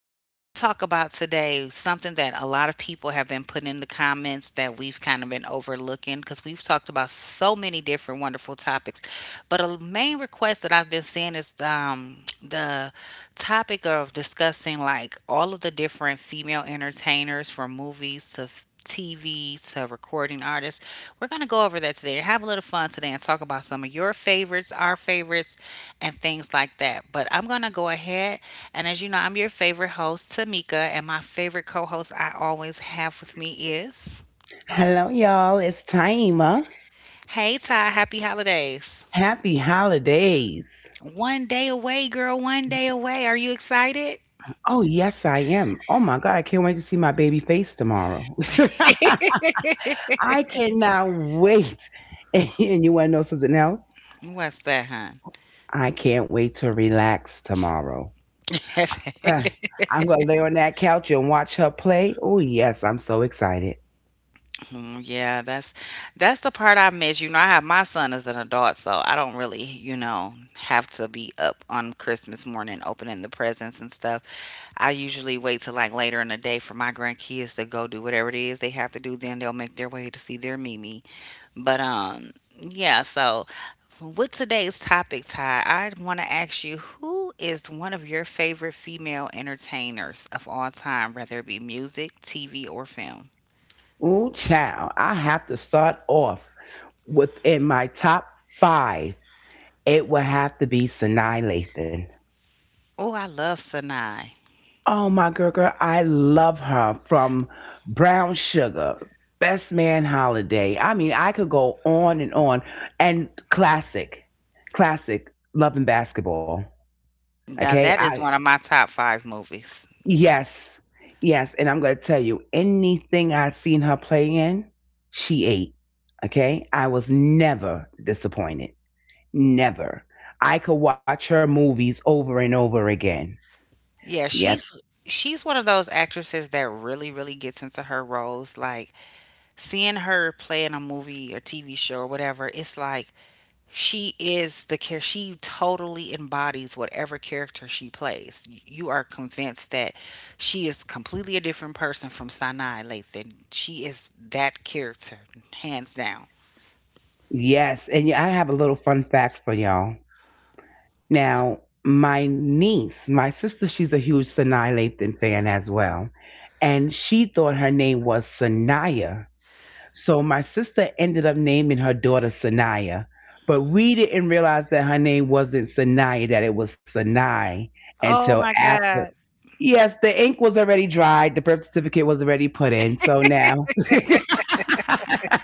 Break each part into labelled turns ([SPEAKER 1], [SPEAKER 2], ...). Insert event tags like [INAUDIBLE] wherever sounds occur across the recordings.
[SPEAKER 1] I want to talk about today something that a lot of people have been putting in the comments that we've kind of been overlooking because we've talked about so many different wonderful topics. But a main request that I've been seeing is the topic of discussing like all of the different female entertainers from movies to TV to recording artists. We're going to go over that today. Have a little fun today and talk about some of your favorites, our favorites, and things like that. But I'm going to go ahead. And as you know, I'm your favorite host, Tamika. And my favorite co host I always have with me is.
[SPEAKER 2] Hello, y'all. It's Taima.
[SPEAKER 1] Hey, Ty. Happy holidays.
[SPEAKER 2] Happy holidays.
[SPEAKER 1] One day away, girl. One day away. Are you excited?
[SPEAKER 2] Oh, yes, I am. Oh, my God. I can't wait to see my baby face tomorrow. [LAUGHS] I cannot wait. [LAUGHS] And you want to know something else?
[SPEAKER 1] What's that, hon?
[SPEAKER 2] I can't wait to relax tomorrow.
[SPEAKER 1] [LAUGHS]
[SPEAKER 2] Ah, I'm going to lay on that couch and watch her play. Oh, yes. I'm so excited.
[SPEAKER 1] Mm, yeah, that's the part I miss. You know, I have my son as an adult, so I don't really, you know, have to be up on Christmas morning opening the presents and stuff. I usually wait till like later in the day for my grandkids to go do whatever it is they have to do. Then they'll make their way to see their Mimi. But yeah. So with today's topic, Ty, I want to ask you who is one of your favorite female entertainers of all time, whether it be music, TV, or film.
[SPEAKER 2] Oh, child. I have to start off within my top five. It will have to be Sinai Lathan.
[SPEAKER 1] Oh, I love Sanai.
[SPEAKER 2] Oh my girl, girl, I love her from Brown Sugar, Best Man Holiday. I mean, I could go on. And classic, classic, Love and Basketball.
[SPEAKER 1] Now
[SPEAKER 2] Okay,
[SPEAKER 1] that
[SPEAKER 2] I
[SPEAKER 1] is one of my top five movies.
[SPEAKER 2] yes, yes. And I'm gonna tell you, anything I've seen her play in, she ate. Okay, I was never disappointed. Never. I could watch her movies over and over again.
[SPEAKER 1] Yeah,
[SPEAKER 2] Yes,
[SPEAKER 1] she's one of those actresses that really, really gets into her roles. Like seeing her play in a movie or TV show or whatever, it's like she is the care. She totally embodies whatever character she plays. You are convinced that she is completely a different person from Sinai Lathan. She is that character, hands down.
[SPEAKER 2] yes. And yeah, I have a little fun fact for y'all. Now, my niece, my sister, she's a huge Sanaa Lathan fan as well. And she thought her name was Sanaya. So my sister ended up naming her daughter Sanaya. But we didn't realize that her name wasn't Sanaya, that it was Sanai
[SPEAKER 1] Oh
[SPEAKER 2] until
[SPEAKER 1] my
[SPEAKER 2] after.
[SPEAKER 1] God.
[SPEAKER 2] Yes, the ink was already dried. The birth certificate was already put in. So now, [LAUGHS] so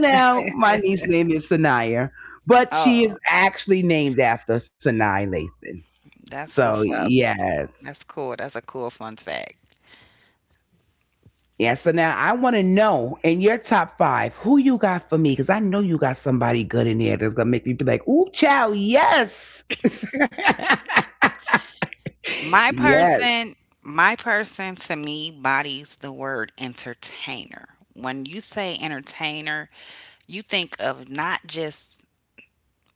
[SPEAKER 2] now my niece's name is Sanaya, but she
[SPEAKER 1] Oh,
[SPEAKER 2] is actually named after Sanai Lathan.
[SPEAKER 1] that's
[SPEAKER 2] So
[SPEAKER 1] what's up.
[SPEAKER 2] yes,
[SPEAKER 1] That's cool. That's a cool fun fact.
[SPEAKER 2] yeah. So now I want to know in your top five who you got for me because I know you got somebody good in there that's gonna make me be like, ooh, child, yes, [LAUGHS]
[SPEAKER 1] My
[SPEAKER 2] yes,
[SPEAKER 1] person, my person to me bodies the word entertainer. When you say entertainer, you think of not just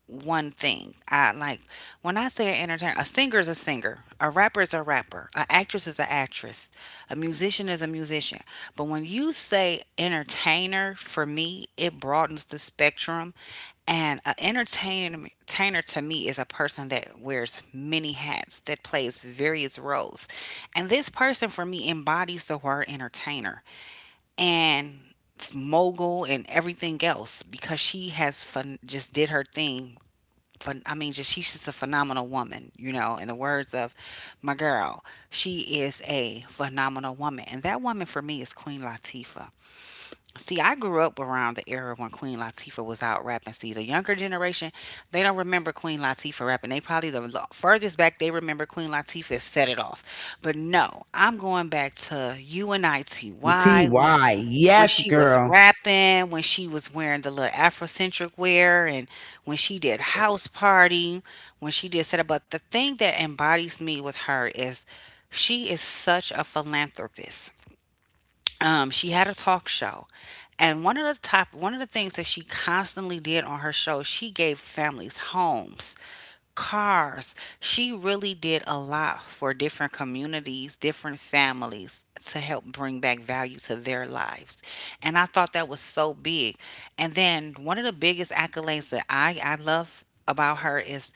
[SPEAKER 1] one thing. I like when I say an entertainer, a singer is a singer, a rapper is a rapper, an actress is an actress, a musician is a musician. But when you say entertainer, for me, it broadens the spectrum. And an entertainer to me is a person that wears many hats, that plays various roles. And this person for me embodies the word entertainer and mogul and everything else because she has fun just did her thing Phen- I mean, just she's just a phenomenal woman, you know. In the words of my girl, she is a phenomenal woman, and that woman for me is Queen Latifah. See, I grew up around the era when Queen Latifah was out rapping. See, the younger generation, they don't remember Queen Latifah rapping. They probably the furthest back they remember Queen Latifah is "Set It Off," but no, I'm going back to U N I T
[SPEAKER 2] T
[SPEAKER 1] Y when
[SPEAKER 2] Y,
[SPEAKER 1] when
[SPEAKER 2] yes,
[SPEAKER 1] she was
[SPEAKER 2] girl.
[SPEAKER 1] rapping, when she was wearing the little Afrocentric wear, and when she did house party, when she did set up. But the thing that embodies me with her is she is such a philanthropist, she had a talk show, and one of the things that she constantly did on her show, she gave families homes, cars. She really did a lot for different communities, different families to help bring back value to their lives, and I thought that was so big. And then one of the biggest accolades that I love about her is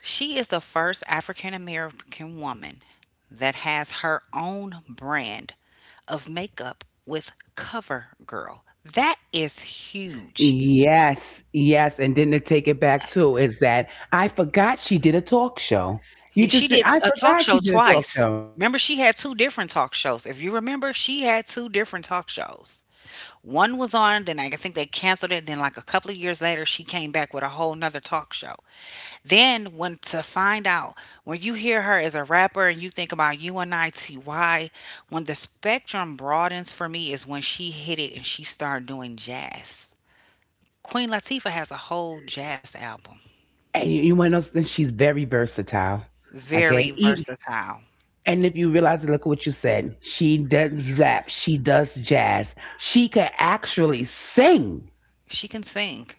[SPEAKER 1] she is the first African American woman that has her own brand of makeup with CoverGirl. That is huge.
[SPEAKER 2] Yes, yes, and then to take it back too is that I forgot she did a talk show.
[SPEAKER 1] Yeah, she did
[SPEAKER 2] I
[SPEAKER 1] a talk
[SPEAKER 2] forgot
[SPEAKER 1] show
[SPEAKER 2] she did a talk
[SPEAKER 1] twice.
[SPEAKER 2] show.
[SPEAKER 1] Remember, she had two different talk shows. If you remember, she had two different talk shows. One was on, then I think they canceled it. Then, like a couple of years later, she came back with a whole nother talk show. Then when to find out, when you hear her as a rapper and you think about UNITY, when the spectrum broadens for me is when she hit it and she started doing jazz. Queen Latifah has a whole jazz album.
[SPEAKER 2] And you want to know something? She's very versatile. Okay.
[SPEAKER 1] Very
[SPEAKER 2] E-
[SPEAKER 1] versatile.
[SPEAKER 2] And if you realize, look at what you said. She does rap. She does jazz. She could actually sing.
[SPEAKER 1] She can sing.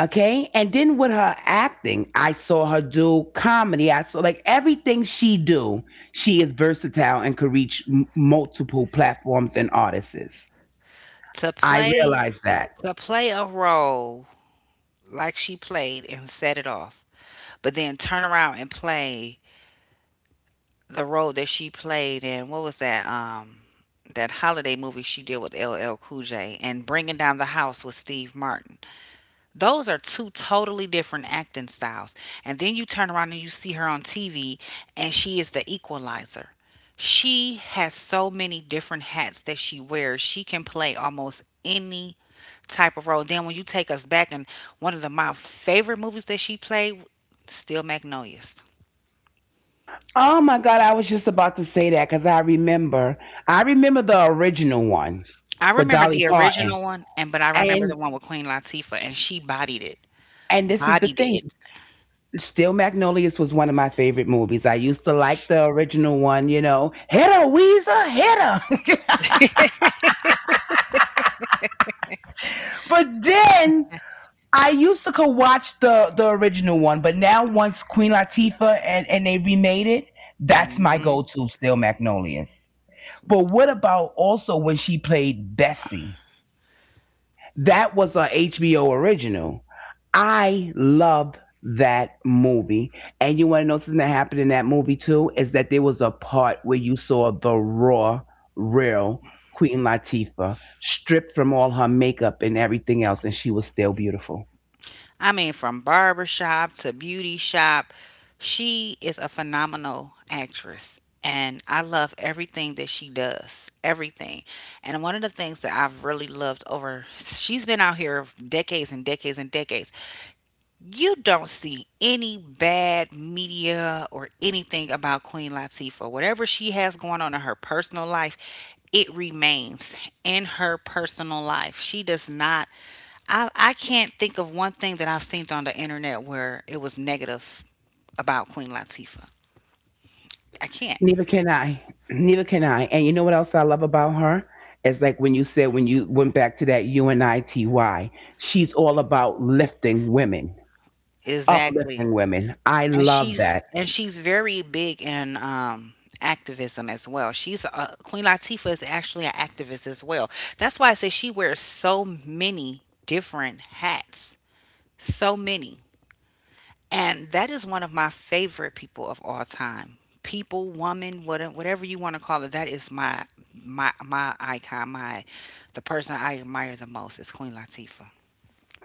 [SPEAKER 2] Okay. And then with her acting, I saw her do comedy. I saw like everything she do, she is versatile and could reach m- multiple platforms and artists.
[SPEAKER 1] To
[SPEAKER 2] I
[SPEAKER 1] play
[SPEAKER 2] realized that.
[SPEAKER 1] to play a role like she played and set it off, but then turn around and play the role that she played in what was that holiday movie she did with LL Cool J and Bringing Down the House with Steve Martin. Those are two totally different acting styles. And then you turn around and you see her on TV and she is the equalizer. She has so many different hats that she wears. She can play almost any type of role. Then when you take us back, and one of the my favorite movies that she played, still Magnolias.
[SPEAKER 2] Oh my God. I was just about to say that because I remember the original one
[SPEAKER 1] I
[SPEAKER 2] with
[SPEAKER 1] remember
[SPEAKER 2] Dolly
[SPEAKER 1] the
[SPEAKER 2] Parton.
[SPEAKER 1] original one, and but I remember
[SPEAKER 2] And,
[SPEAKER 1] the one with Queen Latifah, and she bodied it,
[SPEAKER 2] and this is the
[SPEAKER 1] bodied
[SPEAKER 2] thing.
[SPEAKER 1] it.
[SPEAKER 2] Still Magnolias was one of my favorite movies. I used to like the original one, you know, hit her, Weezer, hit her. [LAUGHS] But then I used to could watch the original one, but now once Queen Latifah and they remade it, that's my go
[SPEAKER 1] Hmm.
[SPEAKER 2] to Still Magnolias. But what about also when she played Bessie? That was a HBO original. I loved that movie. And you want to know something that happened in that movie too? Is that there was a part where you saw the raw, real Queen Latifah stripped from all her makeup and everything else, and she was still beautiful.
[SPEAKER 1] I mean, from barber shop to beauty shop, she is a phenomenal actress, and I love everything that she does, everything. And one of the things that I've really loved over, she's been out here decades and decades and decades, you don't see any bad media or anything about Queen Latifah. Whatever she has going on in her personal life, it remains in her personal life. She does not. I can't think of one thing that I've seen on the internet where it was negative about Queen Latifah. I can't.
[SPEAKER 2] Neither can I. Neither can I. And you know what else I love about her? It's like when you said when you went back to that UNITY, she's all about lifting women,
[SPEAKER 1] Exactly.
[SPEAKER 2] uplifting women. I
[SPEAKER 1] and
[SPEAKER 2] love
[SPEAKER 1] she's
[SPEAKER 2] that.
[SPEAKER 1] and she's very big in activism as well. She's a, Queen Latifah is actually an activist as well. That's why I say she wears so many different hats, so many, and that is one of my favorite people of all time. People, woman, whatever you want to call it, that is my icon. My The person I admire the most is Queen Latifah.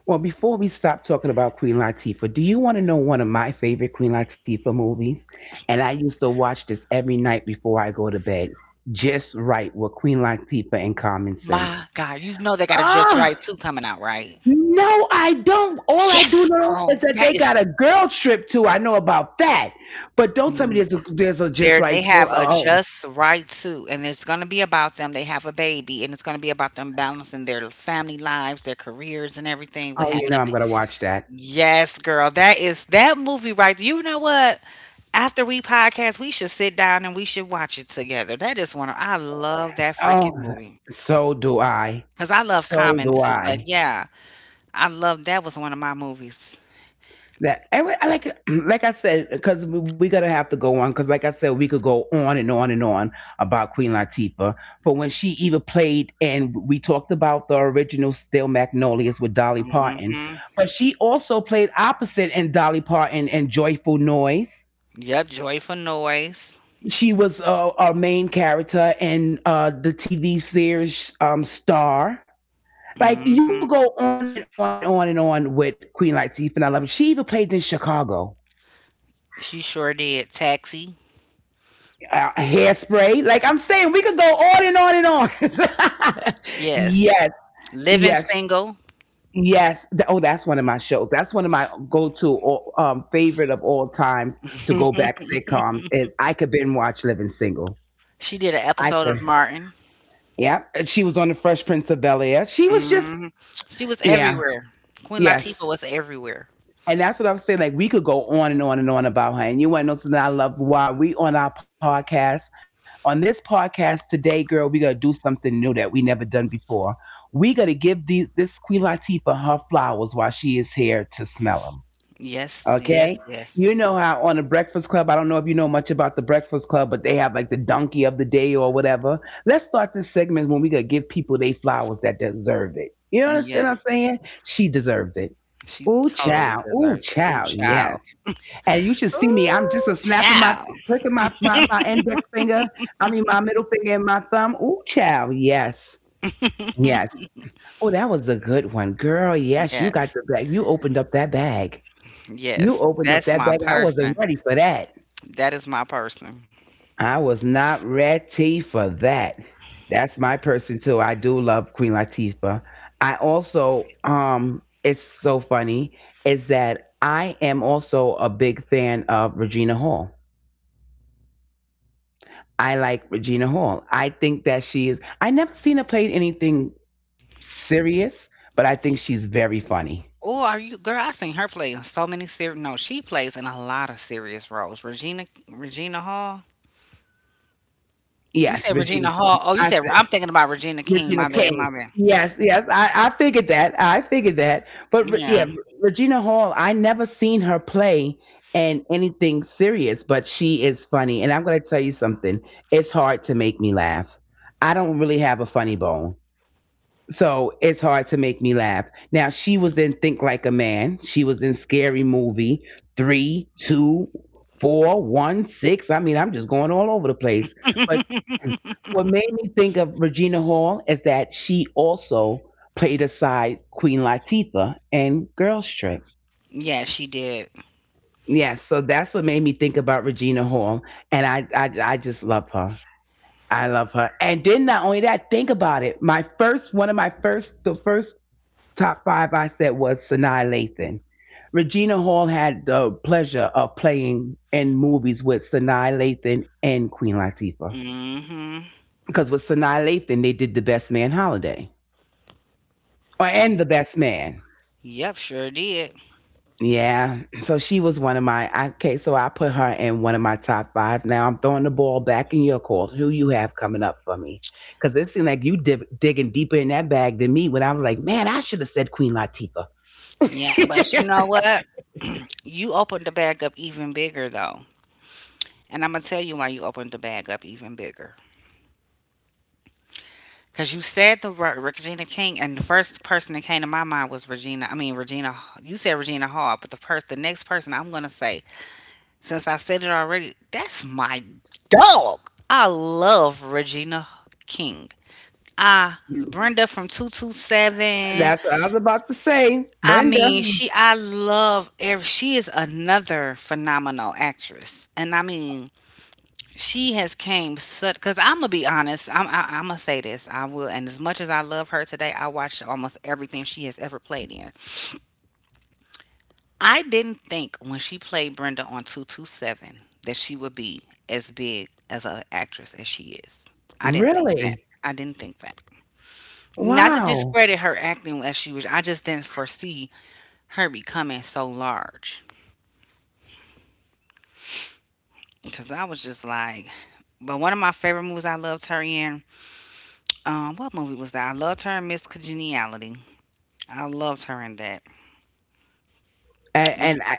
[SPEAKER 2] Well, before we stop talking about Queen Latifah, do you want to know one of my favorite Queen Latifah movies? And I used to watch this every night before I go to bed. Just right with Queen Latifah and Common Sense.
[SPEAKER 1] My God, you know they got a Just
[SPEAKER 2] Ah.
[SPEAKER 1] Right 2 coming out, right?
[SPEAKER 2] No, I don't. All I do
[SPEAKER 1] Yes,
[SPEAKER 2] know
[SPEAKER 1] girl.
[SPEAKER 2] is that
[SPEAKER 1] That
[SPEAKER 2] they got
[SPEAKER 1] is
[SPEAKER 2] a girl trip too. I know about that, but don't tell me
[SPEAKER 1] mm,
[SPEAKER 2] there's there's a just
[SPEAKER 1] there they
[SPEAKER 2] right tour.
[SPEAKER 1] have a
[SPEAKER 2] Oh, oh,
[SPEAKER 1] just right to, and it's gonna be about them. They have a baby, and it's gonna be about them balancing their family lives, their careers, and everything with
[SPEAKER 2] oh, you
[SPEAKER 1] having
[SPEAKER 2] know
[SPEAKER 1] a
[SPEAKER 2] I'm
[SPEAKER 1] baby.
[SPEAKER 2] gonna watch that.
[SPEAKER 1] Yes, girl, that is that movie right there. You know what? After we podcast, we should sit down and we should watch it together. That is one of I love that
[SPEAKER 2] Oh,
[SPEAKER 1] freaking movie.
[SPEAKER 2] so do I.
[SPEAKER 1] Cause I love
[SPEAKER 2] So
[SPEAKER 1] Common
[SPEAKER 2] do
[SPEAKER 1] too, but
[SPEAKER 2] I.
[SPEAKER 1] yeah, I love that was one of my movies.
[SPEAKER 2] That I like [CLEARS THROAT] like I said because we're gonna have to go on because like I said we could go on and on and on about Queen Latifah for when she even played and we talked about the original Still Magnolias with Dolly Parton,
[SPEAKER 1] Mm-hmm.
[SPEAKER 2] but she also played opposite in Dolly Parton and Joyful Noise.
[SPEAKER 1] Yep, Joyful Noise.
[SPEAKER 2] She was a main character in the TV series Star. Like you
[SPEAKER 1] Mm-hmm.
[SPEAKER 2] could go on and on and on and on with Queen Latifah. And I love it. She even played in Chicago.
[SPEAKER 1] She sure did. Taxi.
[SPEAKER 2] Uh, hairspray. Like I'm saying, we could go on and on and on. [LAUGHS]
[SPEAKER 1] Yes.
[SPEAKER 2] Yes,
[SPEAKER 1] Living
[SPEAKER 2] yes,
[SPEAKER 1] Single. [LAUGHS]
[SPEAKER 2] yes. Th- Oh, that's one of my shows. That's one of my go-to, favorite of all times to go back sitcoms is I could binge watch Living Single.
[SPEAKER 1] She did an
[SPEAKER 2] I
[SPEAKER 1] episode of
[SPEAKER 2] could.
[SPEAKER 1] Martin.
[SPEAKER 2] Yeah, she was on the Fresh Prince of Bel Air. She was just
[SPEAKER 1] Hmm. She was
[SPEAKER 2] yeah,
[SPEAKER 1] everywhere. Queen Latifah
[SPEAKER 2] yes.
[SPEAKER 1] was everywhere.
[SPEAKER 2] And that's what I'm saying. Like we could go on and on and on about her. And you want to know something I love? Why we on our podcast on this podcast today, girl? We gonna do something new that we never done before. We gonna give this Queen Latifah her flowers while she is here to smell them.
[SPEAKER 1] Yes,
[SPEAKER 2] Okay.
[SPEAKER 1] yes,
[SPEAKER 2] You
[SPEAKER 1] yes,
[SPEAKER 2] know how on the Breakfast Club, I don't know if you know much about the Breakfast Club, but they have like the donkey of the day or whatever. Let's start this segment when we gonna give people they flowers that deserve it. You understand what I'm
[SPEAKER 1] yes.
[SPEAKER 2] saying? She deserves it.
[SPEAKER 1] She
[SPEAKER 2] Ooh,
[SPEAKER 1] totally
[SPEAKER 2] child. Ooh,
[SPEAKER 1] deserves it. Ooh,
[SPEAKER 2] child.
[SPEAKER 1] child.
[SPEAKER 2] Yes. And you should see me. I'm just
[SPEAKER 1] Ooh,
[SPEAKER 2] a snapping my,
[SPEAKER 1] child.
[SPEAKER 2] clicking my index finger. I mean, my middle finger and my thumb. Ooh, child. Yes. Yes. Oh, that was a good one, girl. Yes, you got
[SPEAKER 1] Yes,
[SPEAKER 2] the bag. You opened up that bag. You
[SPEAKER 1] yes.
[SPEAKER 2] opened up
[SPEAKER 1] That's
[SPEAKER 2] that
[SPEAKER 1] my
[SPEAKER 2] bag. I wasn't
[SPEAKER 1] person.
[SPEAKER 2] ready for that.
[SPEAKER 1] That is my person.
[SPEAKER 2] I was not ready for that. That's my person too. I do love Queen Latifah. I also it's so funny is that I am also a big fan of Regina Hall. I like Regina Hall. I think that she is I never seen her play anything serious, but I think she's very funny.
[SPEAKER 1] Oh, are you girl? I seen her play in so many serious. No, she plays in a lot of serious roles. Regina, Regina Hall. You
[SPEAKER 2] Yes,
[SPEAKER 1] said
[SPEAKER 2] Regina.
[SPEAKER 1] Regina Hall. Oh, you
[SPEAKER 2] I
[SPEAKER 1] said
[SPEAKER 2] said
[SPEAKER 1] I'm thinking about Regina King.
[SPEAKER 2] Regina
[SPEAKER 1] My bad,
[SPEAKER 2] King.
[SPEAKER 1] my bad.
[SPEAKER 2] Yes, yes, I figured that. I figured that. But Re- yeah,
[SPEAKER 1] Yeah.
[SPEAKER 2] Regina Hall, I never seen her play in anything serious, but she is funny. And I'm going to tell you something. It's hard to make me laugh. I don't really have a funny bone. So it's hard to make me laugh. Now she was in Think Like a Man. She was in Scary Movie three, two, four, one, six. I mean, I'm just going all over the place. But
[SPEAKER 1] [LAUGHS]
[SPEAKER 2] what made me think of Regina Hall is that she also played aside Queen Latifah in Girls Trip.
[SPEAKER 1] Yeah, she did.
[SPEAKER 2] Yes, so that's what made me think about Regina Hall, and I just love her. I love her. And then not only that, think about it. My first, one of my first, the first Top five I said was Sanaa Lathan. Regina Hall had the pleasure of playing in movies with Sanaa Lathan and Queen Latifah.
[SPEAKER 1] Hmm.
[SPEAKER 2] Because with Sanaa Lathan, they did The Best Man Holiday. Or, and The Best Man.
[SPEAKER 1] Yep, sure did.
[SPEAKER 2] Yeah. So she was one of my, okay, so I put her in one of my top five. Now I'm throwing the ball back in your court. Who you have coming up for me? Because it seemed like you div- digging deeper in that bag than me when I was like, man, I should have said Queen Latifah.
[SPEAKER 1] Yeah, but you know what? You opened the bag up even bigger though. And I'm gonna tell you why you opened the bag up even bigger. Cause you said the word Regina King, and the first person that came to my mind was Regina. I mean Regina. You said Regina Hall, but the first, the next person I'm gonna say, since I said it already, that's my dog. I love Regina King. Ah,
[SPEAKER 2] [LAUGHS]
[SPEAKER 1] Brenda from 227.
[SPEAKER 2] That's what I was about to say,
[SPEAKER 1] I
[SPEAKER 2] Brenda.
[SPEAKER 1] mean, she, I love every, she is another phenomenal actress. And I mean, she has came such, because I'm going to be honest, I'm going to say this. I will. And as much as I love her today, I watched almost everything she has ever played in. I didn't think when she played Brenda on 227 that she would be as big as an actress as she is. I didn't think that.
[SPEAKER 2] Really?
[SPEAKER 1] I didn't think that. Not to
[SPEAKER 2] Wow.
[SPEAKER 1] discredit her acting as she was, I just didn't foresee her becoming so large. Cause I was just like, but one of my favorite movies I loved her in, what movie was that? I loved her in Miss Congeniality. I loved her in that.
[SPEAKER 2] And,
[SPEAKER 1] Did you,
[SPEAKER 2] and I,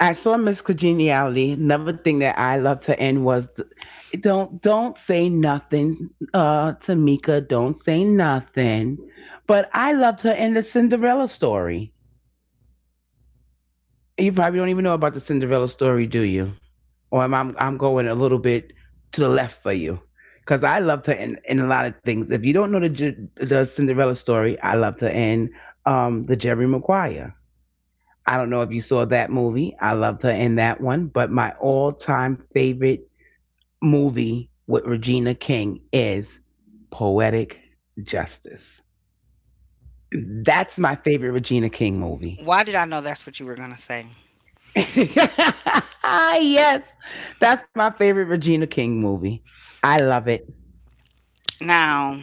[SPEAKER 2] I saw Miss Congeniality. Another thing that I loved to end was, th- don't say nothing, Tamika. Don't say nothing. But I loved her in the Cinderella story. You probably don't even know about the Cinderella story, do you? Or am I, I'm going a little bit to the left for you? Because I loved her in a lot of things. If you don't know the Cinderella story, I loved her in the Jerry Maguire. I don't know if you saw that movie. I loved her in that one. But my all time favorite movie with Regina King is Poetic Justice. That's my favorite Regina King movie.
[SPEAKER 1] why did I know that's what you were gonna say?
[SPEAKER 2] [LAUGHS] Yes, that's my favorite Regina King movie. I love it.
[SPEAKER 1] Now,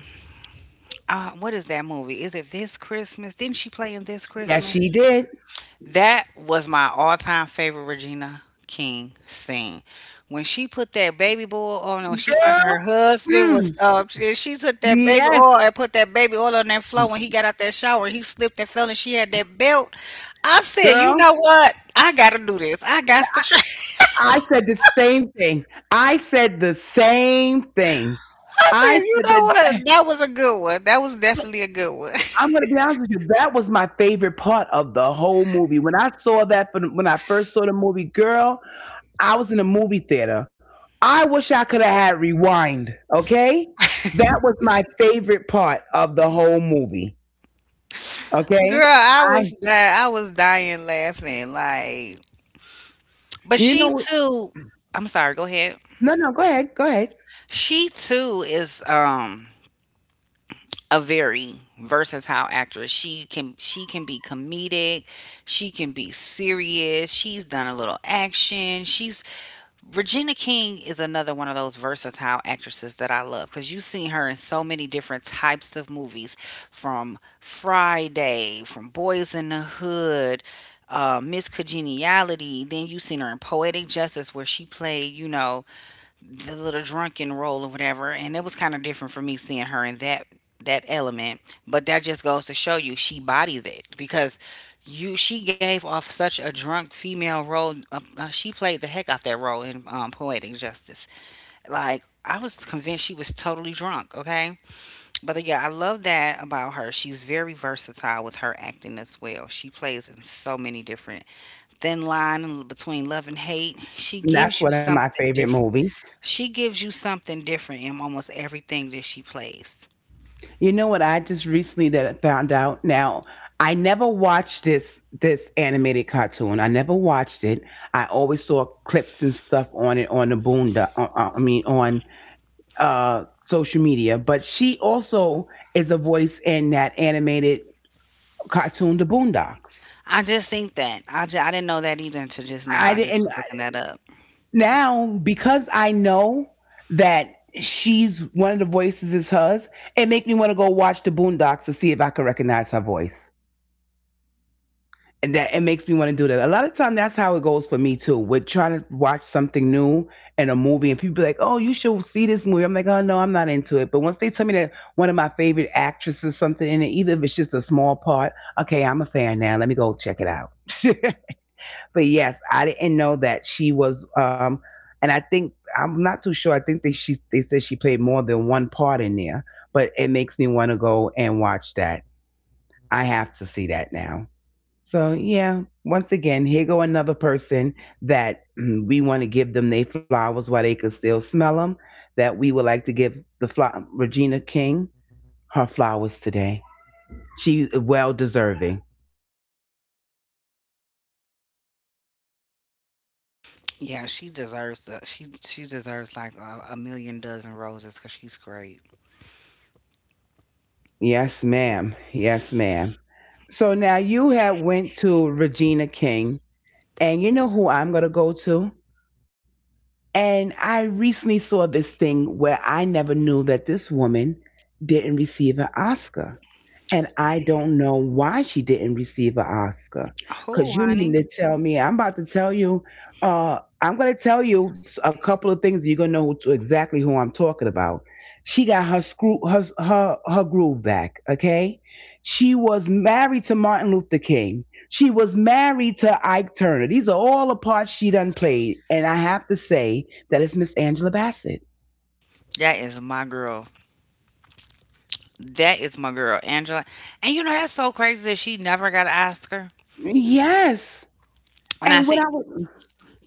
[SPEAKER 1] what is that movie? Is it This Christmas? Didn't she play in This
[SPEAKER 2] Yes,
[SPEAKER 1] Christmas?
[SPEAKER 2] she did.
[SPEAKER 1] That was my all time favorite Regina King scene. When she put that baby oil on, when she found
[SPEAKER 2] Girl,
[SPEAKER 1] her husband was
[SPEAKER 2] mm,
[SPEAKER 1] she took that baby
[SPEAKER 2] yes,
[SPEAKER 1] oil and put that baby oil on that floor. When he got out that shower, he slipped and fell, and she had that belt. I said, you know
[SPEAKER 2] girl.
[SPEAKER 1] what? I gotta do this. I got to try. [LAUGHS]
[SPEAKER 2] I said the same thing. I said the same thing.
[SPEAKER 1] I said,
[SPEAKER 2] I
[SPEAKER 1] you
[SPEAKER 2] said
[SPEAKER 1] know
[SPEAKER 2] that.
[SPEAKER 1] what? That was a good one. That was definitely a good one.
[SPEAKER 2] I'm gonna be honest with you. That was my favorite part of the whole movie. When I first saw the movie, girl, I was in a movie theater. I wish I could have had rewind. Okay, that was my favorite part of the whole movie.
[SPEAKER 1] [LAUGHS] Girl,
[SPEAKER 2] Okay,
[SPEAKER 1] I
[SPEAKER 2] I
[SPEAKER 1] was that I was dying laughing. Like, but
[SPEAKER 2] you
[SPEAKER 1] she
[SPEAKER 2] know
[SPEAKER 1] too. I'm sorry. Go ahead.
[SPEAKER 2] no no go ahead go ahead.
[SPEAKER 1] She too is a very versatile actress. She can be comedic, she can be serious. She's done a little action. She's Regina King is another one of those versatile actresses that I love cuz you've seen her in so many different types of movies from Friday, from Boys in the Hood, Miss Congeniality. Then you've seen her in Poetic Justice, where she played, you know, the little drunken role or whatever, and it was kind of different for me seeing her in that element. But that just goes to show you she bodies it because you she gave off such a drunk female role. She played the heck off that role in Poetic Justice. Like, I was convinced she was totally drunk, okay? But yeah, I love that about her. She's very versatile with her acting as well. She plays in so many different thin line between love and hate. She
[SPEAKER 2] And that's
[SPEAKER 1] gives you
[SPEAKER 2] one of my
[SPEAKER 1] something.
[SPEAKER 2] favorite movies.
[SPEAKER 1] She gives you something different in almost everything that she plays.
[SPEAKER 2] You know what I just recently that found out. Now I never watched this animated cartoon. I never watched it. I always saw clips and stuff on it on the boondock. On social media, but she also is a voice in that animated cartoon, The Boondocks.
[SPEAKER 1] I just think that I didn't know that either until just now.
[SPEAKER 2] I
[SPEAKER 1] I just
[SPEAKER 2] didn't
[SPEAKER 1] was looking that up.
[SPEAKER 2] now because I know that she's one of the voices is hers. It make me want to go watch The Boondocks to see if I can recognize her voice. And that it makes me want to do that. A lot of time that's how it goes for me too. With trying to watch something new and a movie, and people be like, "Oh, you should see this movie." I'm like, "Oh no, I'm not into it." But once they tell me that one of my favorite actresses or something in it, even if it's just a small part, okay, I'm a fan now. Let me go check it out. [LAUGHS] But yes, I didn't know that she was. And I think I'm not too sure. I think they said she played more than one part in there. But it makes me want to go and watch that. I have to see that now. So yeah, once again, here go another person that we want to give them their flowers while they could still smell them. That we would like to give Regina King her flowers today. She well deserving.
[SPEAKER 1] Yeah, she deserves like a million dozen roses because she's great.
[SPEAKER 2] Yes, ma'am. Yes, ma'am. So now you have went to Regina King, and you know who I'm gonna go to. And I recently saw this thing where I never knew that this woman didn't receive an Oscar. And I don't know why she didn't receive an Oscar. Cause
[SPEAKER 1] Who,
[SPEAKER 2] you mean
[SPEAKER 1] honey?
[SPEAKER 2] to tell me I'm about to tell you, I'm gonna tell you a couple of things. You're gonna know who- exactly who I'm talking about. She got her screw her her her groove back. Okay, she was married to Martin Luther King. She was married to Ike Turner. These are all the parts she done played, and I have to say that it's Miss Angela Bassett.
[SPEAKER 1] That is my girl. That is my girl, Angela. And you know that's so crazy that she never got an Oscar.
[SPEAKER 2] Yes.
[SPEAKER 1] And I
[SPEAKER 2] And what
[SPEAKER 1] see
[SPEAKER 2] I would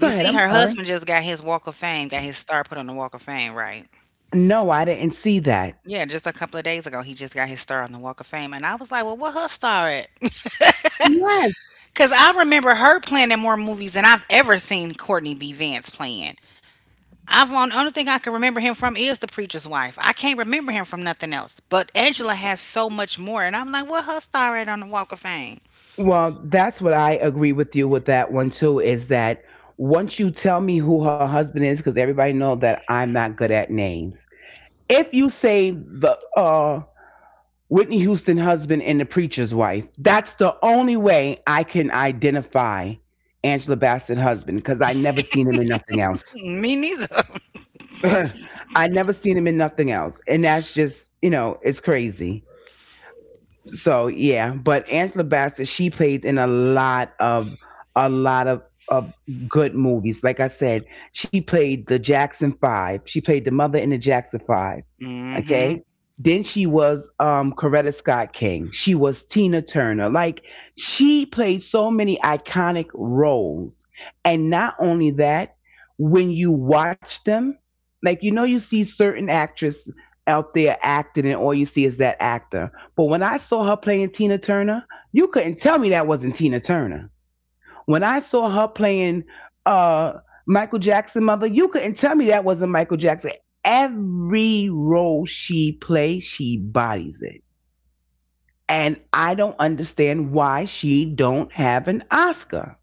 [SPEAKER 2] go ahead.
[SPEAKER 1] see
[SPEAKER 2] I'm
[SPEAKER 1] her
[SPEAKER 2] sorry.
[SPEAKER 1] husband just got his Walk of Fame, got his star put on the Walk of Fame, right?
[SPEAKER 2] No, I didn't see that.
[SPEAKER 1] Yeah, just a couple of days ago, he just got his star on the Walk of Fame, and I was like, "Well, what her star at?"
[SPEAKER 2] Yes.
[SPEAKER 1] Because I remember her playing in more movies than I've ever seen Courtney B. Vance playing. I've the only thing I can remember him from is The Preacher's Wife. I can't remember him from nothing else. But Angela has so much more, and I'm like, what her star at on the Walk of Fame?
[SPEAKER 2] Well, that's what I agree with you with that one too. Is that once you tell me who her husband is, because everybody know that I'm not good at names. If you say the Whitney Houston husband and the preacher's wife, that's the only way I can identify Angela Bassett husband because I never seen him in nothing else.
[SPEAKER 1] Mm, me neither. [LAUGHS]
[SPEAKER 2] [LAUGHS] I never seen him in nothing else, and that's just you know it's crazy. So yeah, but Angela Bassett, she played in a lot of good movies. Like I said, she played the Jackson Five. She played the mother in the Jackson Five.
[SPEAKER 1] mm hmm
[SPEAKER 2] Okay. Then she was Coretta Scott King. She was Tina Turner. Like she played so many iconic roles. And not only that, when you watch them, like you know you see certain actress out there acting and all you see is that actor. But when I saw her playing Tina Turner, you couldn't tell me that wasn't Tina Turner when I saw her playing uh, Michael Jackson, mother, you couldn't tell me that wasn't Michael Jackson. Every role she plays, she bodies it. And I don't understand why she don't have an Oscar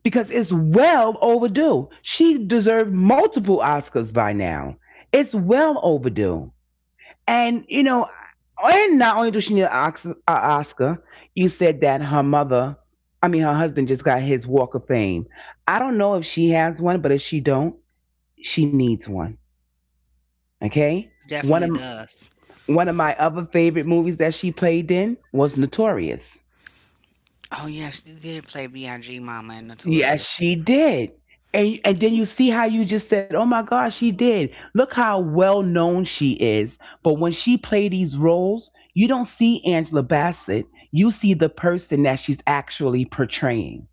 [SPEAKER 2] because it's well overdue. She deserved multiple Oscars by now. It's well overdue. And you know, and not only does she need an Ox- a Oscar, you said that her mother, I mean her husband, just got his Walk of Fame. I don't know if she has one, but if she don't, she needs one. Okay. One of
[SPEAKER 1] Definitely does.
[SPEAKER 2] one of my other favorite movies that she played in was Notorious.
[SPEAKER 1] Oh yes, she did play B.I.G. Mama in
[SPEAKER 2] Yes,
[SPEAKER 1] Notorious.
[SPEAKER 2] she did. And then you see how you just said, "Oh my gosh, she did." Look how well known she is. But when she play these roles, you don't see Angela Bassett. You see the person that she's actually portraying.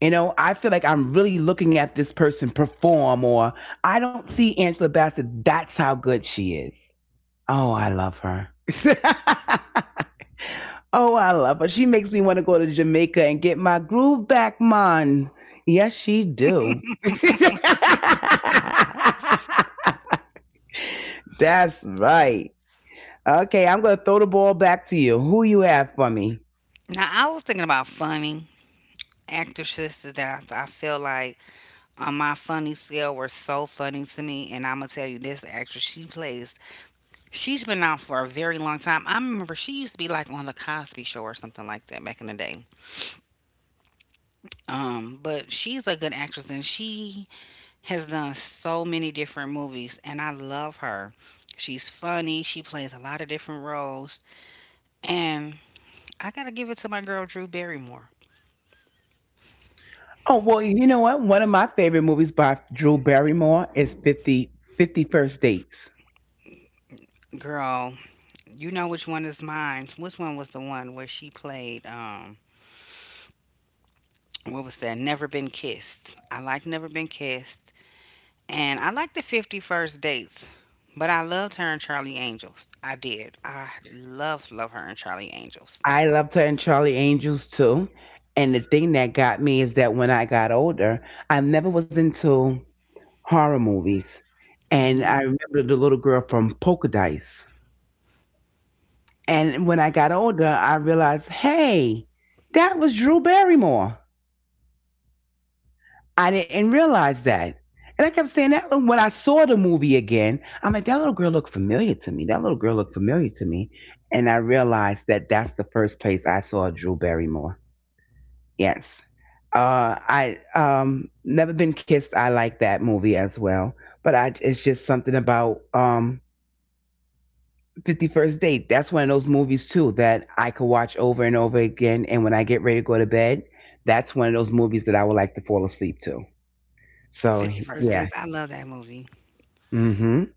[SPEAKER 2] You know, I feel like I'm really looking at this person perform or I don't see Angela Bassett. That's how good she is. Oh, I love her. [LAUGHS] Oh, I love her. She makes me want to go to Jamaica and get my groove back, man. Yes, she do. [LAUGHS] That's right. Okay, I'm gonna throw the ball back to you. Who you have for me?
[SPEAKER 1] Now I was thinking about funny actresses that I feel like on my funny scale were so funny to me, and I'm gonna tell you this actress she plays. She's been out for a very long time. I remember she used to be like on the Cosby Show or something like that back in the day. But she's a good actress, and she has done so many different movies, and I love her. She's funny, she plays a lot of different roles, and I got to give it to my girl Drew Barrymore.
[SPEAKER 2] Oh, well, you know what? One of my favorite movies by Drew Barrymore is 50 First Dates.
[SPEAKER 1] Girl, you know which one is mine. Which one was the one where she played what was that? Never Been Kissed. I like Never Been Kissed. And I like the 50 First dates, but I loved her and Charlie Angels. I did. I love, love her and Charlie Angels.
[SPEAKER 2] I loved her in Charlie Angels too. And the thing that got me is that when I got older, I never was into horror movies. And
[SPEAKER 1] Mm-hmm.
[SPEAKER 2] I remember the little girl from Poker Dice. And when I got older, I realized, hey, that was Drew Barrymore. I didn't realize that. And I kept saying that when I saw the movie again, I'm like, that little girl looked familiar to me. That little girl looked familiar to me. And I realized that that's the first place I saw Drew Barrymore. Yes. Uh, I Never Been Kissed. I like that movie as well. But I, it's just something about 50 First Date. That's one of those movies too that I could watch over and over again. And when I get ready to go to bed, that's one of those movies that I would like to fall asleep to. So
[SPEAKER 1] 50 first
[SPEAKER 2] yeah.
[SPEAKER 1] dates. I love that movie.
[SPEAKER 2] Mm-hmm.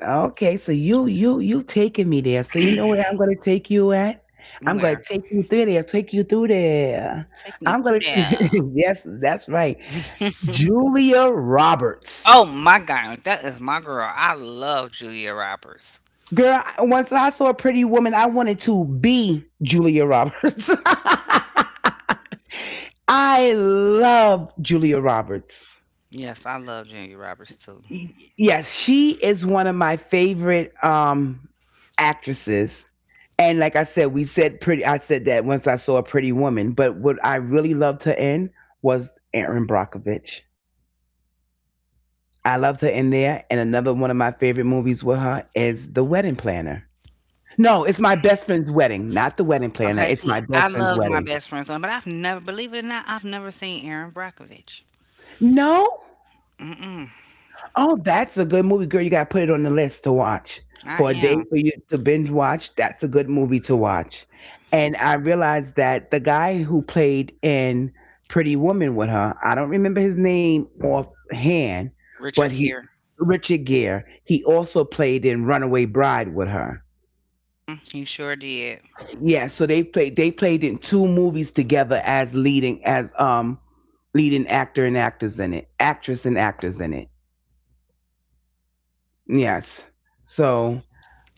[SPEAKER 2] Okay. So you taking me there. So you know where I'm gonna take you at? I'm gonna
[SPEAKER 1] Where?
[SPEAKER 2] take you through there. Take you through there.
[SPEAKER 1] Take me
[SPEAKER 2] I'm gonna.
[SPEAKER 1] through
[SPEAKER 2] [LAUGHS]
[SPEAKER 1] there.
[SPEAKER 2] Yes, that's right. Julia
[SPEAKER 1] [LAUGHS]
[SPEAKER 2] Roberts.
[SPEAKER 1] Oh my God. That is my girl. I love Julia Roberts.
[SPEAKER 2] Girl, once I saw a pretty woman, I wanted to be Julia Roberts. [LAUGHS] I love Julia Roberts.
[SPEAKER 1] Yes, I love Julia Roberts too.
[SPEAKER 2] Yes, she is one of my favorite actresses. And like I said, we said pretty I said that once I saw a pretty woman, but what I really loved her in was Erin Brockovich. I loved her in there, and another one of my favorite movies with her is The Wedding Planner. No, it's my best friend's wedding, not the wedding planner.
[SPEAKER 1] Okay,
[SPEAKER 2] It's
[SPEAKER 1] see,
[SPEAKER 2] my
[SPEAKER 1] I
[SPEAKER 2] best friend's
[SPEAKER 1] love my
[SPEAKER 2] wedding.
[SPEAKER 1] best friend's one, but I've never, believe it or not, I've never seen Aaron Brockovich.
[SPEAKER 2] No?
[SPEAKER 1] Mm-mm.
[SPEAKER 2] Oh, that's a good movie, girl. You gotta put it on the list to watch
[SPEAKER 1] I
[SPEAKER 2] for a day
[SPEAKER 1] am.
[SPEAKER 2] for you to binge watch. That's a good movie to watch. And I realized that the guy who played in Pretty Woman with her, I don't remember his name offhand, but
[SPEAKER 1] Richard
[SPEAKER 2] he,
[SPEAKER 1] Gere.
[SPEAKER 2] Richard Gere, he also played in Runaway Bride with her.
[SPEAKER 1] He sure did.
[SPEAKER 2] Yeah, so they played in two movies together as leading actor and actors in it, actress and actors in it. Yes. So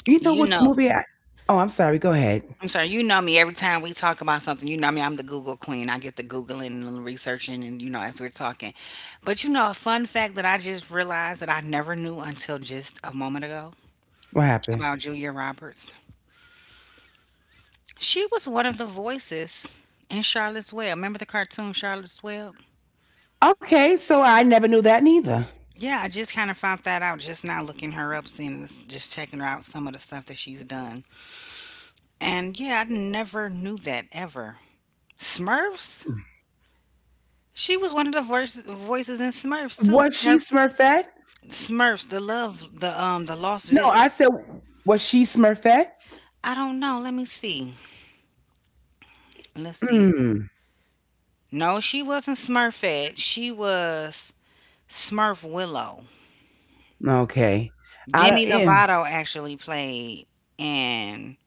[SPEAKER 2] you know
[SPEAKER 1] You
[SPEAKER 2] which
[SPEAKER 1] know,
[SPEAKER 2] movie I oh, I'm sorry, go ahead.
[SPEAKER 1] I'm sorry. You know me. Every time we talk about something, you know me. I'm the Google queen. I get the googling and the researching, and you know as we're talking. But you know a fun fact that I just realized that I never knew until just a moment ago
[SPEAKER 2] What happened?
[SPEAKER 1] about Julia Roberts. She was one of the voices in Charlotte's Web. Remember the cartoon Charlotte's Web?
[SPEAKER 2] Okay, so I never knew that neither.
[SPEAKER 1] Yeah, I just kind of found that out just now looking her up, seeing this, just checking her out some of the stuff that she's done. And yeah, I never knew that ever. Smurfs? She was one of the voices in Smurfs too.
[SPEAKER 2] Was she
[SPEAKER 1] Smurfs
[SPEAKER 2] Smurfette?
[SPEAKER 1] Smurfs, the love, the Lost
[SPEAKER 2] No,
[SPEAKER 1] Village.
[SPEAKER 2] I said was she Smurfette?
[SPEAKER 1] I don't know. Let me see. Let's see.
[SPEAKER 2] Mm,
[SPEAKER 1] No, she wasn't Smurfette. She was Smurf Willow.
[SPEAKER 2] okay. I don't.
[SPEAKER 1] Demi
[SPEAKER 2] Yeah.
[SPEAKER 1] Lovato actually played and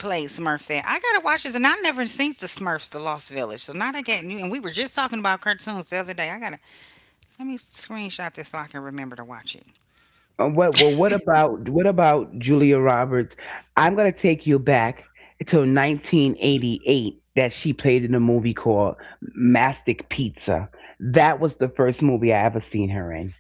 [SPEAKER 1] played Smurfette. I gotta watch this, and I never seen the Smurfs, the Lost Village. So now they getting new. And we were just talking about cartoons the other day. I gotta, let me screenshot this so I can remember to watch it.
[SPEAKER 2] What? Well, what about Julia Roberts? I'm gonna take you back to 1988 that she played in a movie called Mastic Pizza. That was the first movie I ever seen her in.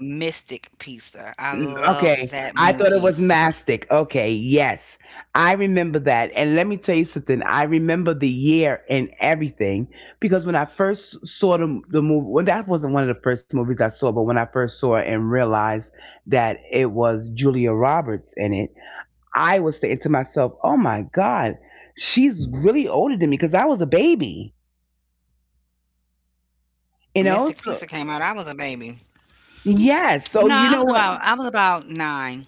[SPEAKER 1] Mystic Pizza. I
[SPEAKER 2] Mm,
[SPEAKER 1] love
[SPEAKER 2] okay,
[SPEAKER 1] that
[SPEAKER 2] I thought it
[SPEAKER 1] movie.
[SPEAKER 2] was mastic. Okay, yes, I remember that. And let me tell you something. I remember the year and everything because when I first saw the movie, well, that wasn't one of the first movies I saw, but when I first saw it and realized that it was Julia Roberts in it, I was saying to myself, "Oh my God, she's really older than me because I was a baby." You know,
[SPEAKER 1] Mystic
[SPEAKER 2] so
[SPEAKER 1] Pizza came out, I was a baby.
[SPEAKER 2] yes.
[SPEAKER 1] Well,
[SPEAKER 2] So
[SPEAKER 1] no,
[SPEAKER 2] you know what?
[SPEAKER 1] I was about 9.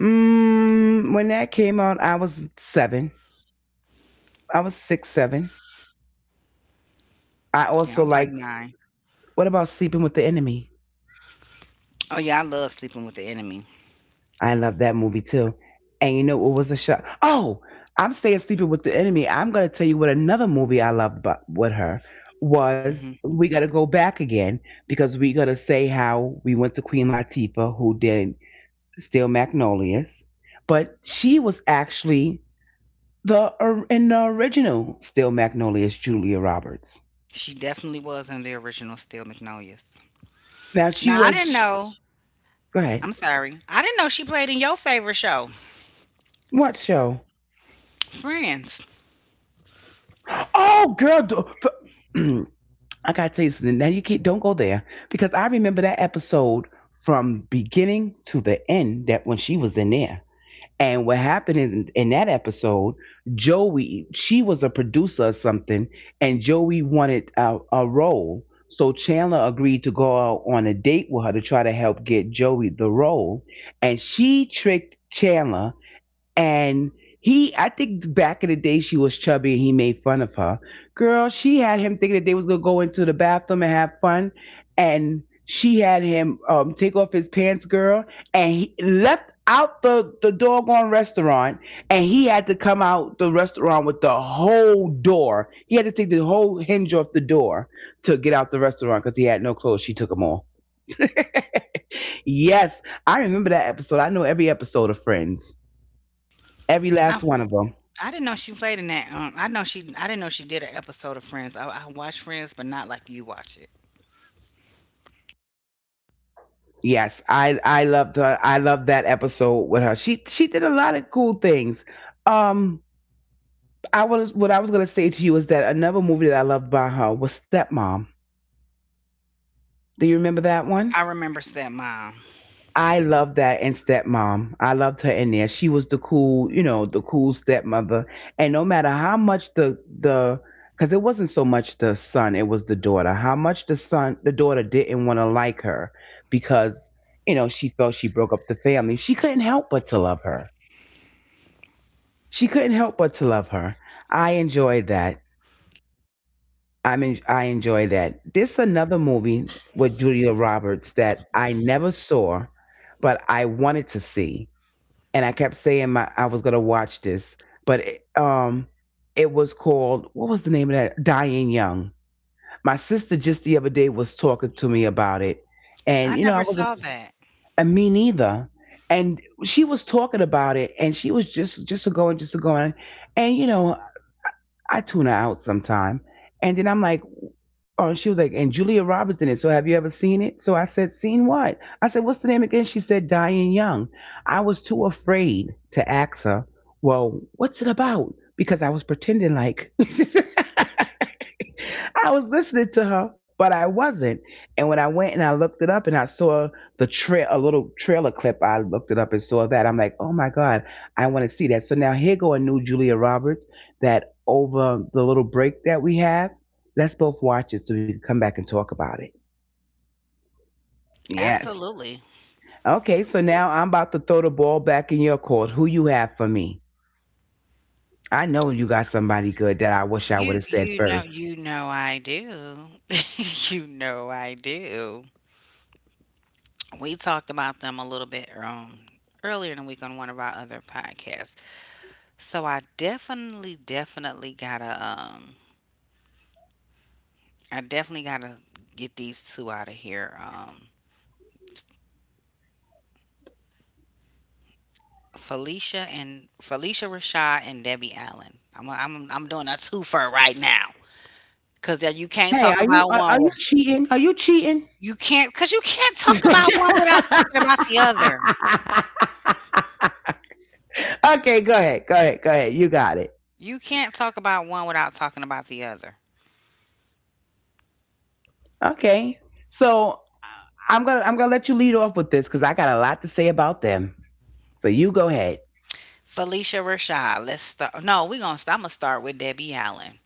[SPEAKER 2] Mm, when that came out, I was seven. I was six seven. I
[SPEAKER 1] Yeah,
[SPEAKER 2] also
[SPEAKER 1] I was like
[SPEAKER 2] like
[SPEAKER 1] 9.
[SPEAKER 2] what about Sleeping with the Enemy?
[SPEAKER 1] Oh, yeah, I love Sleeping with the Enemy.
[SPEAKER 2] I love that movie too. And you know what was a shock? Oh, I'm staying sleeping with the enemy. I'm gonna tell you what another movie I loved but with her was.
[SPEAKER 1] Mhm.
[SPEAKER 2] We gotta go back again because we gotta say how we went to Queen Latifah who did Steel Magnolias, but she was actually in the original Steel Magnolias Julia Roberts.
[SPEAKER 1] She definitely was in the original Steel Magnolias.
[SPEAKER 2] Now she
[SPEAKER 1] Now, I didn't
[SPEAKER 2] was.
[SPEAKER 1] know.
[SPEAKER 2] Go ahead.
[SPEAKER 1] I'm sorry. I didn't know she played in your favorite show,
[SPEAKER 2] What show?
[SPEAKER 1] Friends.
[SPEAKER 2] Oh, girl, do, [CLEARS THROAT] I gotta tell you something. Now you can't don't go there because I remember that episode from beginning to the end. That when she was in there, and what happened in that episode, Joey, she was a producer or something, and Joey wanted a role. So Chandler agreed to go out on a date with her to try to help get Joey the role, and she tricked Chandler and he, I think back in the day she was chubby and he made fun of her. Girl, she had him thinking that they was going to go into the bathroom and have fun, and she had him take off his pants, girl. And he left out the doggone restaurant, and he had to come out the restaurant with the whole door. He had to take the whole hinge off the door to get out the restaurant because he had no clothes. She took them off. Yes, I remember that episode. I know every episode of Friends, every
[SPEAKER 1] I,
[SPEAKER 2] last one of them.
[SPEAKER 1] I didn't know she played in that. I know she. I didn't know she did an episode of Friends. I watched Friends, but not like you watch it.
[SPEAKER 2] Yes, I loved her. I loved that episode with her. She did a lot of cool things. Um, I was, what I was gonna say to you is that another movie that I loved by her was Stepmom. Do you remember that one?
[SPEAKER 1] I remember Stepmom.
[SPEAKER 2] I loved that in Stepmom. I loved her in there. She was the cool, you know, the cool stepmother. And no matter how much the, because it wasn't so much the son, it was the daughter, how much the son, the daughter didn't want to like her, because, you know, she felt she broke up the family. She couldn't help but to love her. She couldn't help but to love her. I enjoyed that. I mean, I enjoyed that. This another movie with Julia Roberts that I never saw, but I wanted to see, and I kept saying my, I was gonna watch this, but it, it was called, what was the name of that? Dying Young. My sister just the other day was talking to me about it,
[SPEAKER 1] I
[SPEAKER 2] and, you know,
[SPEAKER 1] never
[SPEAKER 2] I wasn't,
[SPEAKER 1] saw that.
[SPEAKER 2] and me neither. And she was talking about it, and she was just just a going, and, you know, I tune her out sometime. And then I'm like, oh, and she was like, and Julia Roberts in it. So, have you ever seen it? So I said, seen what? I said, what's the name again? She said, Diane Young. I was too afraid to ask her, well, what's it about? Because I was pretending like [LAUGHS] I was listening to her, but I wasn't. And when I went and I looked it up and I saw the trail, a little trailer clip, I looked it up and saw that. I'm like, oh my God, I want to see that. So now here go a new Julia Roberts, that over the little break that we have, let's both watch it so we can come back and talk about it. Yes.
[SPEAKER 1] Absolutely.
[SPEAKER 2] Okay, so now I'm about to throw the ball back in your court. Who you have for me? I know you got somebody good that I wish I would
[SPEAKER 1] You
[SPEAKER 2] have said
[SPEAKER 1] you know
[SPEAKER 2] first.
[SPEAKER 1] you know I do. [LAUGHS] You know I do. We talked about them a little bit earlier in the week on one of our other podcasts. So I definitely, definitely I definitely gotta get these two out of here. Felicia Rashad and Debbie Allen. I'm doing a twofer right now because
[SPEAKER 2] Hey, are you, are, are you cheating? Are you cheating?
[SPEAKER 1] you can't talk
[SPEAKER 2] [LAUGHS]
[SPEAKER 1] about one
[SPEAKER 2] Okay,
[SPEAKER 1] without talking about the other.
[SPEAKER 2] go ahead. Go ahead. Go ahead. You got it.
[SPEAKER 1] You can't talk about one without talking about the other.
[SPEAKER 2] Okay. So, I'm going to let you lead off with this cuz I got a lot to say about them. So, you go ahead.
[SPEAKER 1] Felicia Rashad. Let's start. No, we're gonna. I'm gonna start with Debbie Allen.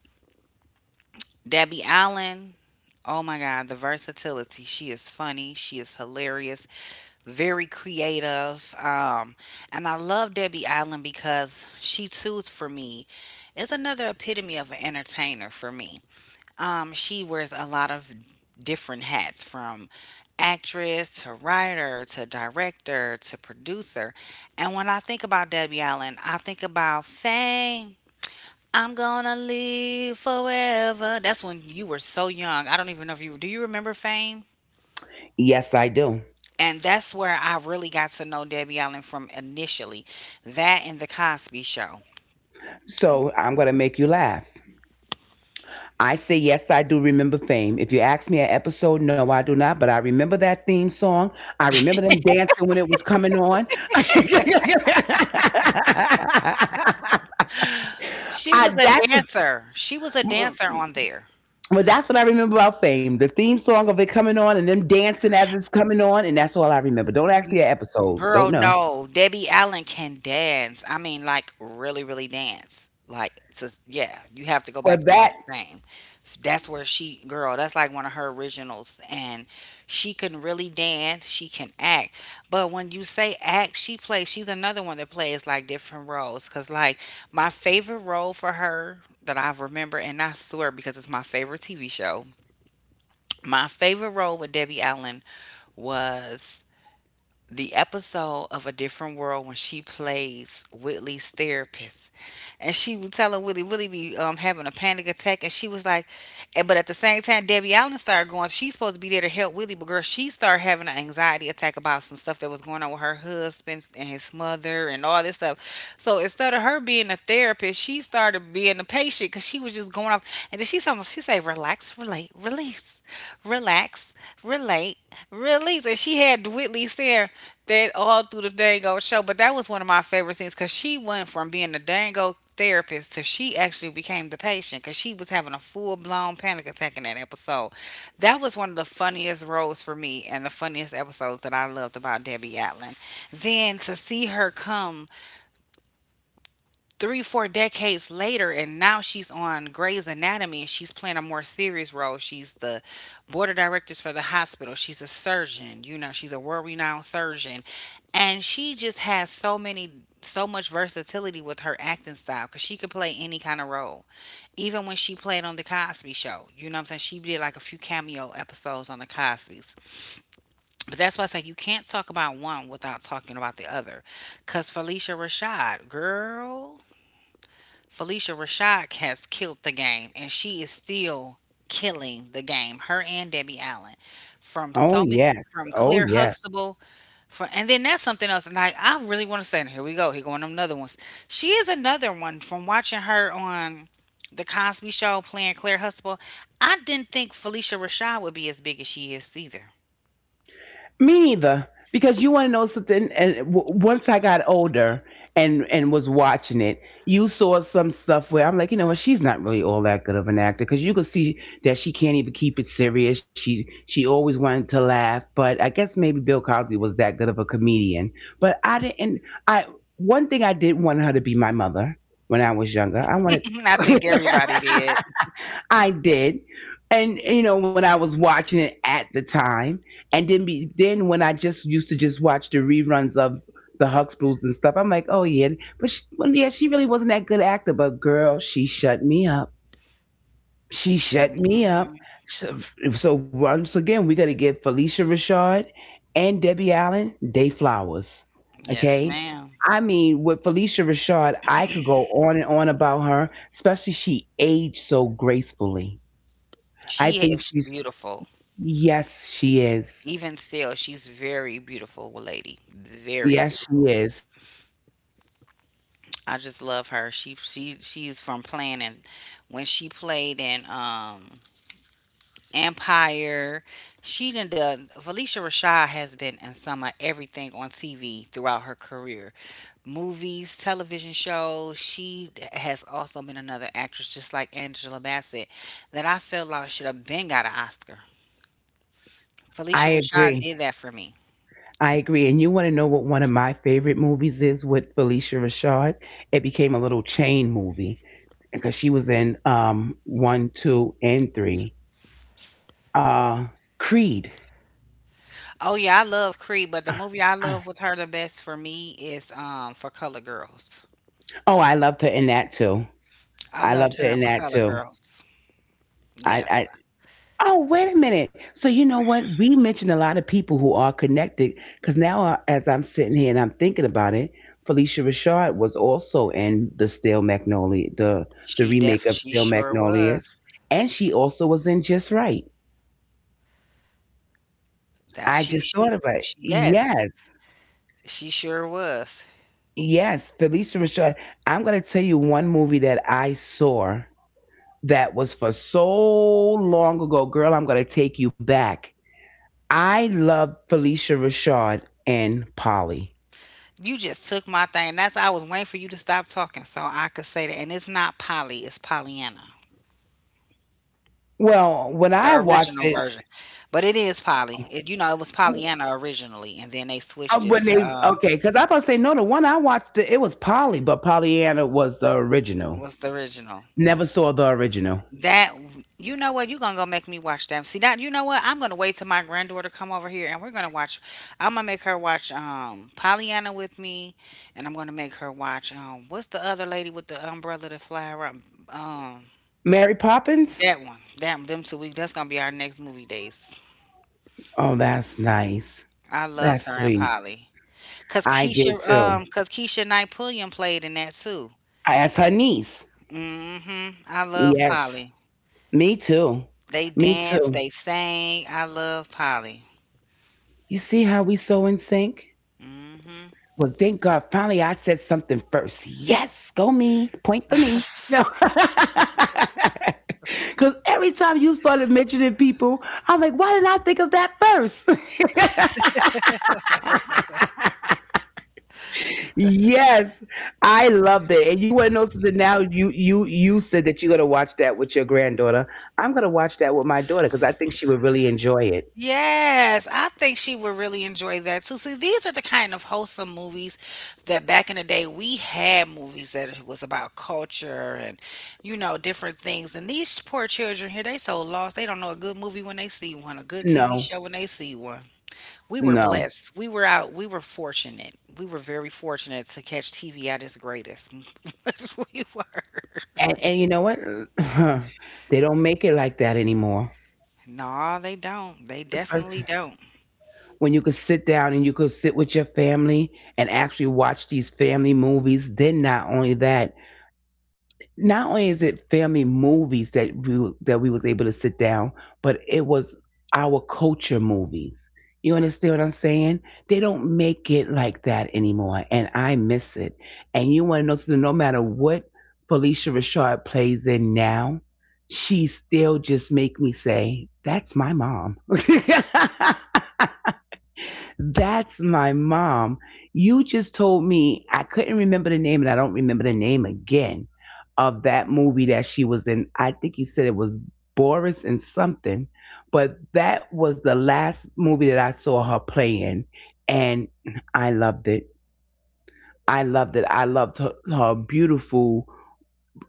[SPEAKER 1] Debbie Allen. Oh my God, the versatility. She is funny. She is hilarious. Very creative. And I love Debbie Allen because she too, for me, is another epitome of an entertainer for me. She wears a lot of different hats, from actress to writer to director to producer. And when I think about Debbie Allen, I think about Fame. I'm gonna live forever. That's when you were so young. I don't even know if you do you remember Fame?
[SPEAKER 2] Yes, I do.
[SPEAKER 1] And that's where I really got to know Debbie Allen from initially. That and the Cosby Show.
[SPEAKER 2] So, I'm going to make you laugh. I say yes, I do remember Fame. If you ask me an episode, no, I do not. But I remember that theme song. I remember them dancing when it was coming on. [LAUGHS]
[SPEAKER 1] She was
[SPEAKER 2] I
[SPEAKER 1] a
[SPEAKER 2] that's,
[SPEAKER 1] dancer. She was a
[SPEAKER 2] well,
[SPEAKER 1] dancer on there.
[SPEAKER 2] that's what I remember about Fame. The theme song of it coming on and them dancing as it's coming on, and that's all I remember. Don't ask me
[SPEAKER 1] N-
[SPEAKER 2] an episode. Don't
[SPEAKER 1] Girl,
[SPEAKER 2] know.
[SPEAKER 1] no. Debbie Allen can dance. I mean, like really, really dance. Like, so yeah, you have to go back
[SPEAKER 2] But
[SPEAKER 1] and watch
[SPEAKER 2] that,
[SPEAKER 1] Fame. That's where she, girl, that's like one of her originals. And she can really dance. She can act. But when you say act, she's another one that plays like different roles. Cause like my favorite role for her that I remember, and I swear because it's my favorite TV show, my favorite role with Debbie Allen was the episode of A Different World when she plays Whitley's therapist. And she was telling Whitley, Whitley be having a panic attack. And she was like, and, but at the same time, Debbie Allen started going, she's supposed to be there to help Whitley. But girl, she started having an anxiety attack about some stuff that was going on with her husband and his mother and all this stuff. So instead of her being a therapist, she started being a patient because she was just going off. And then she said, relax, relate, release, relax, relate, release. And she had Whitley Sayre that all through the Dango show. But that was one of my favorite scenes because she went from being a Dango therapist to she actually became the patient because she was having a full blown panic attack in that episode. That was one of the funniest roles for me and the funniest episodes that I loved about Debbie Allen. Then to see her come 3, 4 decades later, and now she's on Grey's Anatomy and she's playing a more serious role. She's the board of directors for the hospital. She's a surgeon, you know, she's a world renowned surgeon. And she just has so many, so much versatility with her acting style because she could play any kind of role. Even when she played on The Cosby Show, you know what I'm saying? She did like a few cameo episodes on The Cosby's. But that's why I say you can't talk about one without talking about the other. Because Felicia Rashad, girl. Felicia Rashad has killed the game, and she is still killing the game. Her and Debbie Allen, from
[SPEAKER 2] oh
[SPEAKER 1] so many,
[SPEAKER 2] yes.
[SPEAKER 1] from
[SPEAKER 2] Oh
[SPEAKER 1] Claire
[SPEAKER 2] yes.
[SPEAKER 1] Huxtable, from and then that's something else. And like I really want to say, and here we go, here going them another ones. She is another one from watching her on the Cosby Show playing Claire Huxtable. I didn't think Felicia Rashad would be as big as she is either.
[SPEAKER 2] Me neither, because you want to know something. Once I got older and was watching it, you saw some stuff where I'm like, you know what? She's not really all that good of an actor, because you could see that she can't even keep it serious. She always wanted to laugh, but I guess maybe Bill Cosby was that good of a comedian. But I didn't. I One thing, I didn't want her to be my mother when I was younger. I wanted.
[SPEAKER 1] [LAUGHS] I think everybody
[SPEAKER 2] [LAUGHS]
[SPEAKER 1] did.
[SPEAKER 2] I did. And, you know, when I was watching it at the time, then when I just used to just watch the reruns of the Huxtables and stuff, I'm like, oh yeah, but she, well, yeah, she really wasn't that good actor. But girl, she shut me up. She shut me
[SPEAKER 1] Hmm
[SPEAKER 2] up. So, so once again, we got to give Felicia Rashad and Debbie Allen day flowers.
[SPEAKER 1] Yes,
[SPEAKER 2] Okay,
[SPEAKER 1] ma'am.
[SPEAKER 2] I mean, with Felicia Rashad, I could go on and on about her, especially she aged so gracefully. I
[SPEAKER 1] She
[SPEAKER 2] think
[SPEAKER 1] is
[SPEAKER 2] she's,
[SPEAKER 1] beautiful.
[SPEAKER 2] yes, she is.
[SPEAKER 1] Even still, she's very beautiful lady, very
[SPEAKER 2] Yes, she
[SPEAKER 1] beautiful.
[SPEAKER 2] is.
[SPEAKER 1] I just love her. She's from playing and when she played in Empire, she done done Felicia Rashad has been in some of everything on TV throughout her career. Movies, television shows. She has also been another actress just like Angela Bassett that I feel like should have been got an Oscar. Felicia
[SPEAKER 2] I
[SPEAKER 1] Rashad
[SPEAKER 2] agree.
[SPEAKER 1] did that for me.
[SPEAKER 2] I agree. And you want to know what one of my favorite movies is with Felicia Rashad? It became a little chain movie because she was in one, two, and three. Uh, Creed.
[SPEAKER 1] Oh yeah, I love Creed,
[SPEAKER 2] Uh,
[SPEAKER 1] but the movie I
[SPEAKER 2] uh.
[SPEAKER 1] love with her the best for me is For Color Girls.
[SPEAKER 2] Oh, I loved her in that too.
[SPEAKER 1] I
[SPEAKER 2] I
[SPEAKER 1] loved
[SPEAKER 2] loved her
[SPEAKER 1] her in
[SPEAKER 2] in
[SPEAKER 1] For
[SPEAKER 2] that
[SPEAKER 1] Color
[SPEAKER 2] too.
[SPEAKER 1] Girls. Yes.
[SPEAKER 2] I, Oh, wait a minute. So you know what? We mentioned a lot of people who are connected because now, as I'm sitting here and I'm thinking about it, Felicia Rashad was also in the Stale Magnolia, the
[SPEAKER 1] She def
[SPEAKER 2] remake of
[SPEAKER 1] she
[SPEAKER 2] Stale
[SPEAKER 1] sure
[SPEAKER 2] Magnolias,
[SPEAKER 1] was.
[SPEAKER 2] and she also was in Just Right.
[SPEAKER 1] That
[SPEAKER 2] I
[SPEAKER 1] she
[SPEAKER 2] just thought
[SPEAKER 1] she,
[SPEAKER 2] about it.
[SPEAKER 1] she yes,
[SPEAKER 2] Yes,
[SPEAKER 1] she sure was.
[SPEAKER 2] yes, Felicia Rashad. I'm gonna tell you one movie that I saw that was for so long ago. Girl, I'm gonna take you back. I love Felicia Rashad and Polly.
[SPEAKER 1] You just took my thing. That's I was waiting for you to stop talking so I could say that. And it's not Polly, it's Pollyanna.
[SPEAKER 2] Well, when
[SPEAKER 1] The
[SPEAKER 2] I watched
[SPEAKER 1] original
[SPEAKER 2] it,
[SPEAKER 1] version. But it is Polly. It, you know, it was Pollyanna originally and then they
[SPEAKER 2] uh,
[SPEAKER 1] switched it
[SPEAKER 2] when they
[SPEAKER 1] to
[SPEAKER 2] okay, because I was about to say no, the one I watched it, it was Polly, but Pollyanna was the original.
[SPEAKER 1] what's the original?
[SPEAKER 2] Never saw the original.
[SPEAKER 1] That you know what you gonna go make me watch them. See that you know what I'm gonna wait till my granddaughter come over here and we're gonna watch. I'm gonna make her watch Pollyanna with me, and I'm gonna make her watch what's the other lady with the umbrella that fly around um
[SPEAKER 2] Mary Poppins.
[SPEAKER 1] that one that them 2 weeks that's gonna be our next movie days.
[SPEAKER 2] Oh, that's nice.
[SPEAKER 1] I loved
[SPEAKER 2] That's
[SPEAKER 1] her and
[SPEAKER 2] sweet.
[SPEAKER 1] Polly cause
[SPEAKER 2] I did too.
[SPEAKER 1] Keisha Knight Pulliam played in that too.
[SPEAKER 2] I asked her niece.
[SPEAKER 1] Mm-hmm. I love
[SPEAKER 2] Yes,
[SPEAKER 1] Polly.
[SPEAKER 2] me too.
[SPEAKER 1] They
[SPEAKER 2] Me
[SPEAKER 1] danced,
[SPEAKER 2] too.
[SPEAKER 1] they sang. I love Polly.
[SPEAKER 2] You see how we so in sync?
[SPEAKER 1] Mm-hmm.
[SPEAKER 2] Well, thank God. Finally, I said something first. Yes, go me. Point for me.
[SPEAKER 1] [LAUGHS]
[SPEAKER 2] No. [LAUGHS] Because every time you started mentioning people, I'm like, why did I think of that first? [LAUGHS] Yes, I loved it. And you wouldn't know that now, you, you said that you're gonna watch that with your granddaughter. I'm gonna watch that with my daughter because I think she would really enjoy it.
[SPEAKER 1] Yes, I think she would really enjoy that too. See, these are the kind of wholesome movies that back in the day we had movies that was about culture and you know different things. And these poor children here, they so lost. They don't know a good movie when they see one, a good TV
[SPEAKER 2] No,
[SPEAKER 1] show when they see one. We were
[SPEAKER 2] no.
[SPEAKER 1] blessed. We were out. We were fortunate. We were very fortunate to catch TV at its greatest. [LAUGHS] we were.
[SPEAKER 2] And, you know what? [LAUGHS] [SIGHS] They don't make it like that anymore.
[SPEAKER 1] No, they don't. They definitely don't.
[SPEAKER 2] When you could sit down and you could sit with your family and actually watch these family movies. Then not only that, not only is it family movies that we was able to sit down, but it was our culture movies. You understand what I'm saying? They don't make it like that anymore, and I miss it. And you want to know something? No matter what Felicia Richard plays in now, she still just make me say, "That's my mom." [LAUGHS] That's my mom. You just told me I couldn't remember the name, and I don't remember the name again of that movie that she was in. I think you said it was Boris and something, but that was the last movie that I saw her play in, and I loved it. I loved it. I loved her,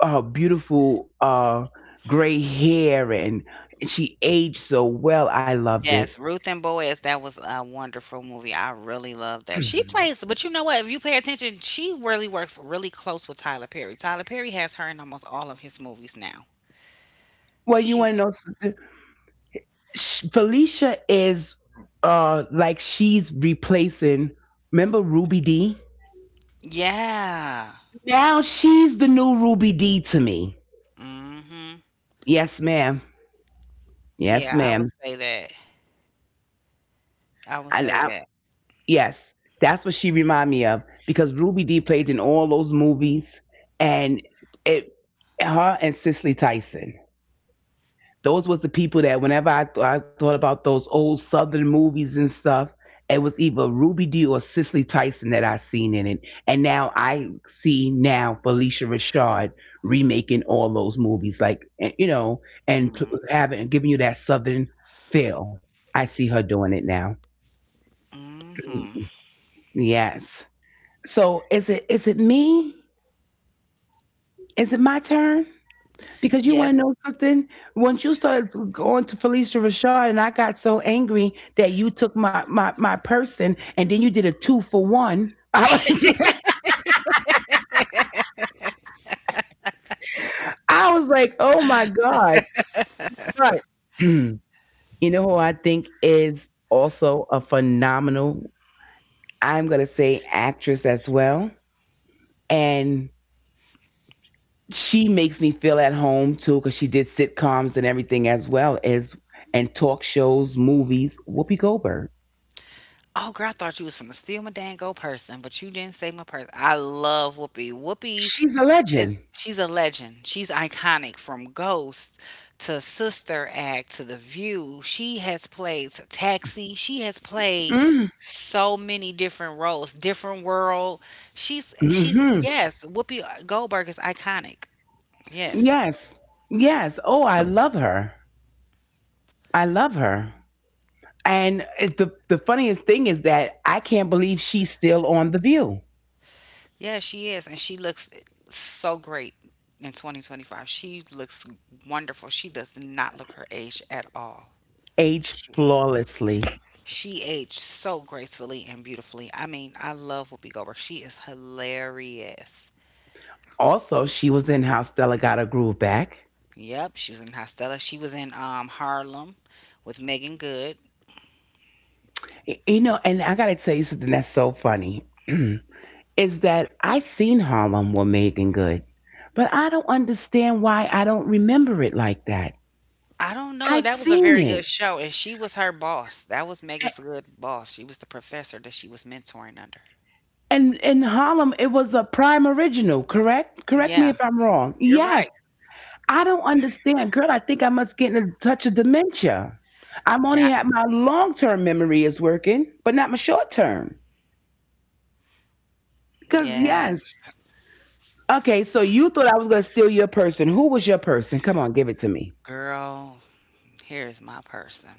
[SPEAKER 2] her beautiful gray hair, and she aged so well. I loved it.
[SPEAKER 1] Yes, Ruth and Boaz, that was a wonderful movie. I really love that. She
[SPEAKER 2] [CLEARS THROAT]
[SPEAKER 1] plays, but you know what? If you pay attention, she really works really close with Tyler Perry. Tyler Perry has her in almost all of his movies now.
[SPEAKER 2] Well, you want to
[SPEAKER 1] She,
[SPEAKER 2] know something? Felicia is like she's replacing, remember Ruby D?
[SPEAKER 1] yeah.
[SPEAKER 2] Now she's the new Ruby D to me.
[SPEAKER 1] Mm-hmm.
[SPEAKER 2] Yes, ma'am. Yes,
[SPEAKER 1] Yeah, I would
[SPEAKER 2] ma'am.
[SPEAKER 1] say that. I would
[SPEAKER 2] And
[SPEAKER 1] say
[SPEAKER 2] I,
[SPEAKER 1] that.
[SPEAKER 2] yes, that's what she remind me of, because Ruby D played in all those movies and it, her and Cicely Tyson. Those was the people that whenever I, I thought about those old Southern movies and stuff, it was either Ruby Dee or Cicely Tyson that I seen in it. And now I see now Felicia Rashad remaking all those movies, like, and, you know, and
[SPEAKER 1] Mm,
[SPEAKER 2] having, giving you that Southern feel. I see her doing it now.
[SPEAKER 1] Mm-hmm.
[SPEAKER 2] Yes. So is it, is it me? Is it my turn? Because you want to
[SPEAKER 1] Yes.
[SPEAKER 2] know something? Once you started going to Felicia Rashad, and I got so angry that you took my my person, and then you did a two for one. I was [LAUGHS] I was like, oh my god! But [CLEARS THROAT] you know who I think is also a phenomenal, I'm gonna say actress as well, and she makes me feel at home too because she did sitcoms and everything, as well as and talk shows, movies. Whoopi Goldberg,
[SPEAKER 1] Oh, girl, I thought you was from the steal my dang go person, but you didn't say my person. I love Whoopi. Whoopi
[SPEAKER 2] she's a
[SPEAKER 1] is
[SPEAKER 2] legend.
[SPEAKER 1] she's a legend. She's iconic from Ghost to Sister Act to The View. She has played Taxi. She has played
[SPEAKER 2] Mm-hmm.
[SPEAKER 1] so many different roles, different world. She's
[SPEAKER 2] Hmm.
[SPEAKER 1] yes, Whoopi Goldberg is iconic. Yes.
[SPEAKER 2] Yes. Yes. Oh, I love her. I love her. And it, the funniest thing is that I can't believe she's still on The View.
[SPEAKER 1] Yeah, she is and she looks so great in 2025. She looks wonderful. She does not look her age at all.
[SPEAKER 2] Aged flawlessly.
[SPEAKER 1] She aged so gracefully and beautifully. I mean, I love Whoopi Goldberg. She is hilarious.
[SPEAKER 2] Also, she was in How Stella Got Her Groove Back.
[SPEAKER 1] Yep, she was in Hostella. She was in Harlem with Megan Good.
[SPEAKER 2] You know, and I gotta tell you something that's so funny [CLEARS THROAT] is that I seen Harlem with Megan Good, but I don't understand why I don't remember it like that.
[SPEAKER 1] I don't
[SPEAKER 2] I
[SPEAKER 1] know. That was a
[SPEAKER 2] seen
[SPEAKER 1] very
[SPEAKER 2] it.
[SPEAKER 1] good show, and she was her boss. That was Megan's good boss. She was the professor that she was mentoring under.
[SPEAKER 2] And in Harlem, it was a prime original, correct? Correct me
[SPEAKER 1] Yeah,
[SPEAKER 2] if I'm wrong.
[SPEAKER 1] you're
[SPEAKER 2] Yes.
[SPEAKER 1] right.
[SPEAKER 2] I don't understand. Girl, I think I must get in a touch of dementia. I'm only
[SPEAKER 1] Got
[SPEAKER 2] had, my long term memory is working, but not my short term. Because,
[SPEAKER 1] yeah,
[SPEAKER 2] yes. Okay, so you thought I was going to steal your person. Who was your person? Come on, give it to me.
[SPEAKER 1] girl. Here's my person.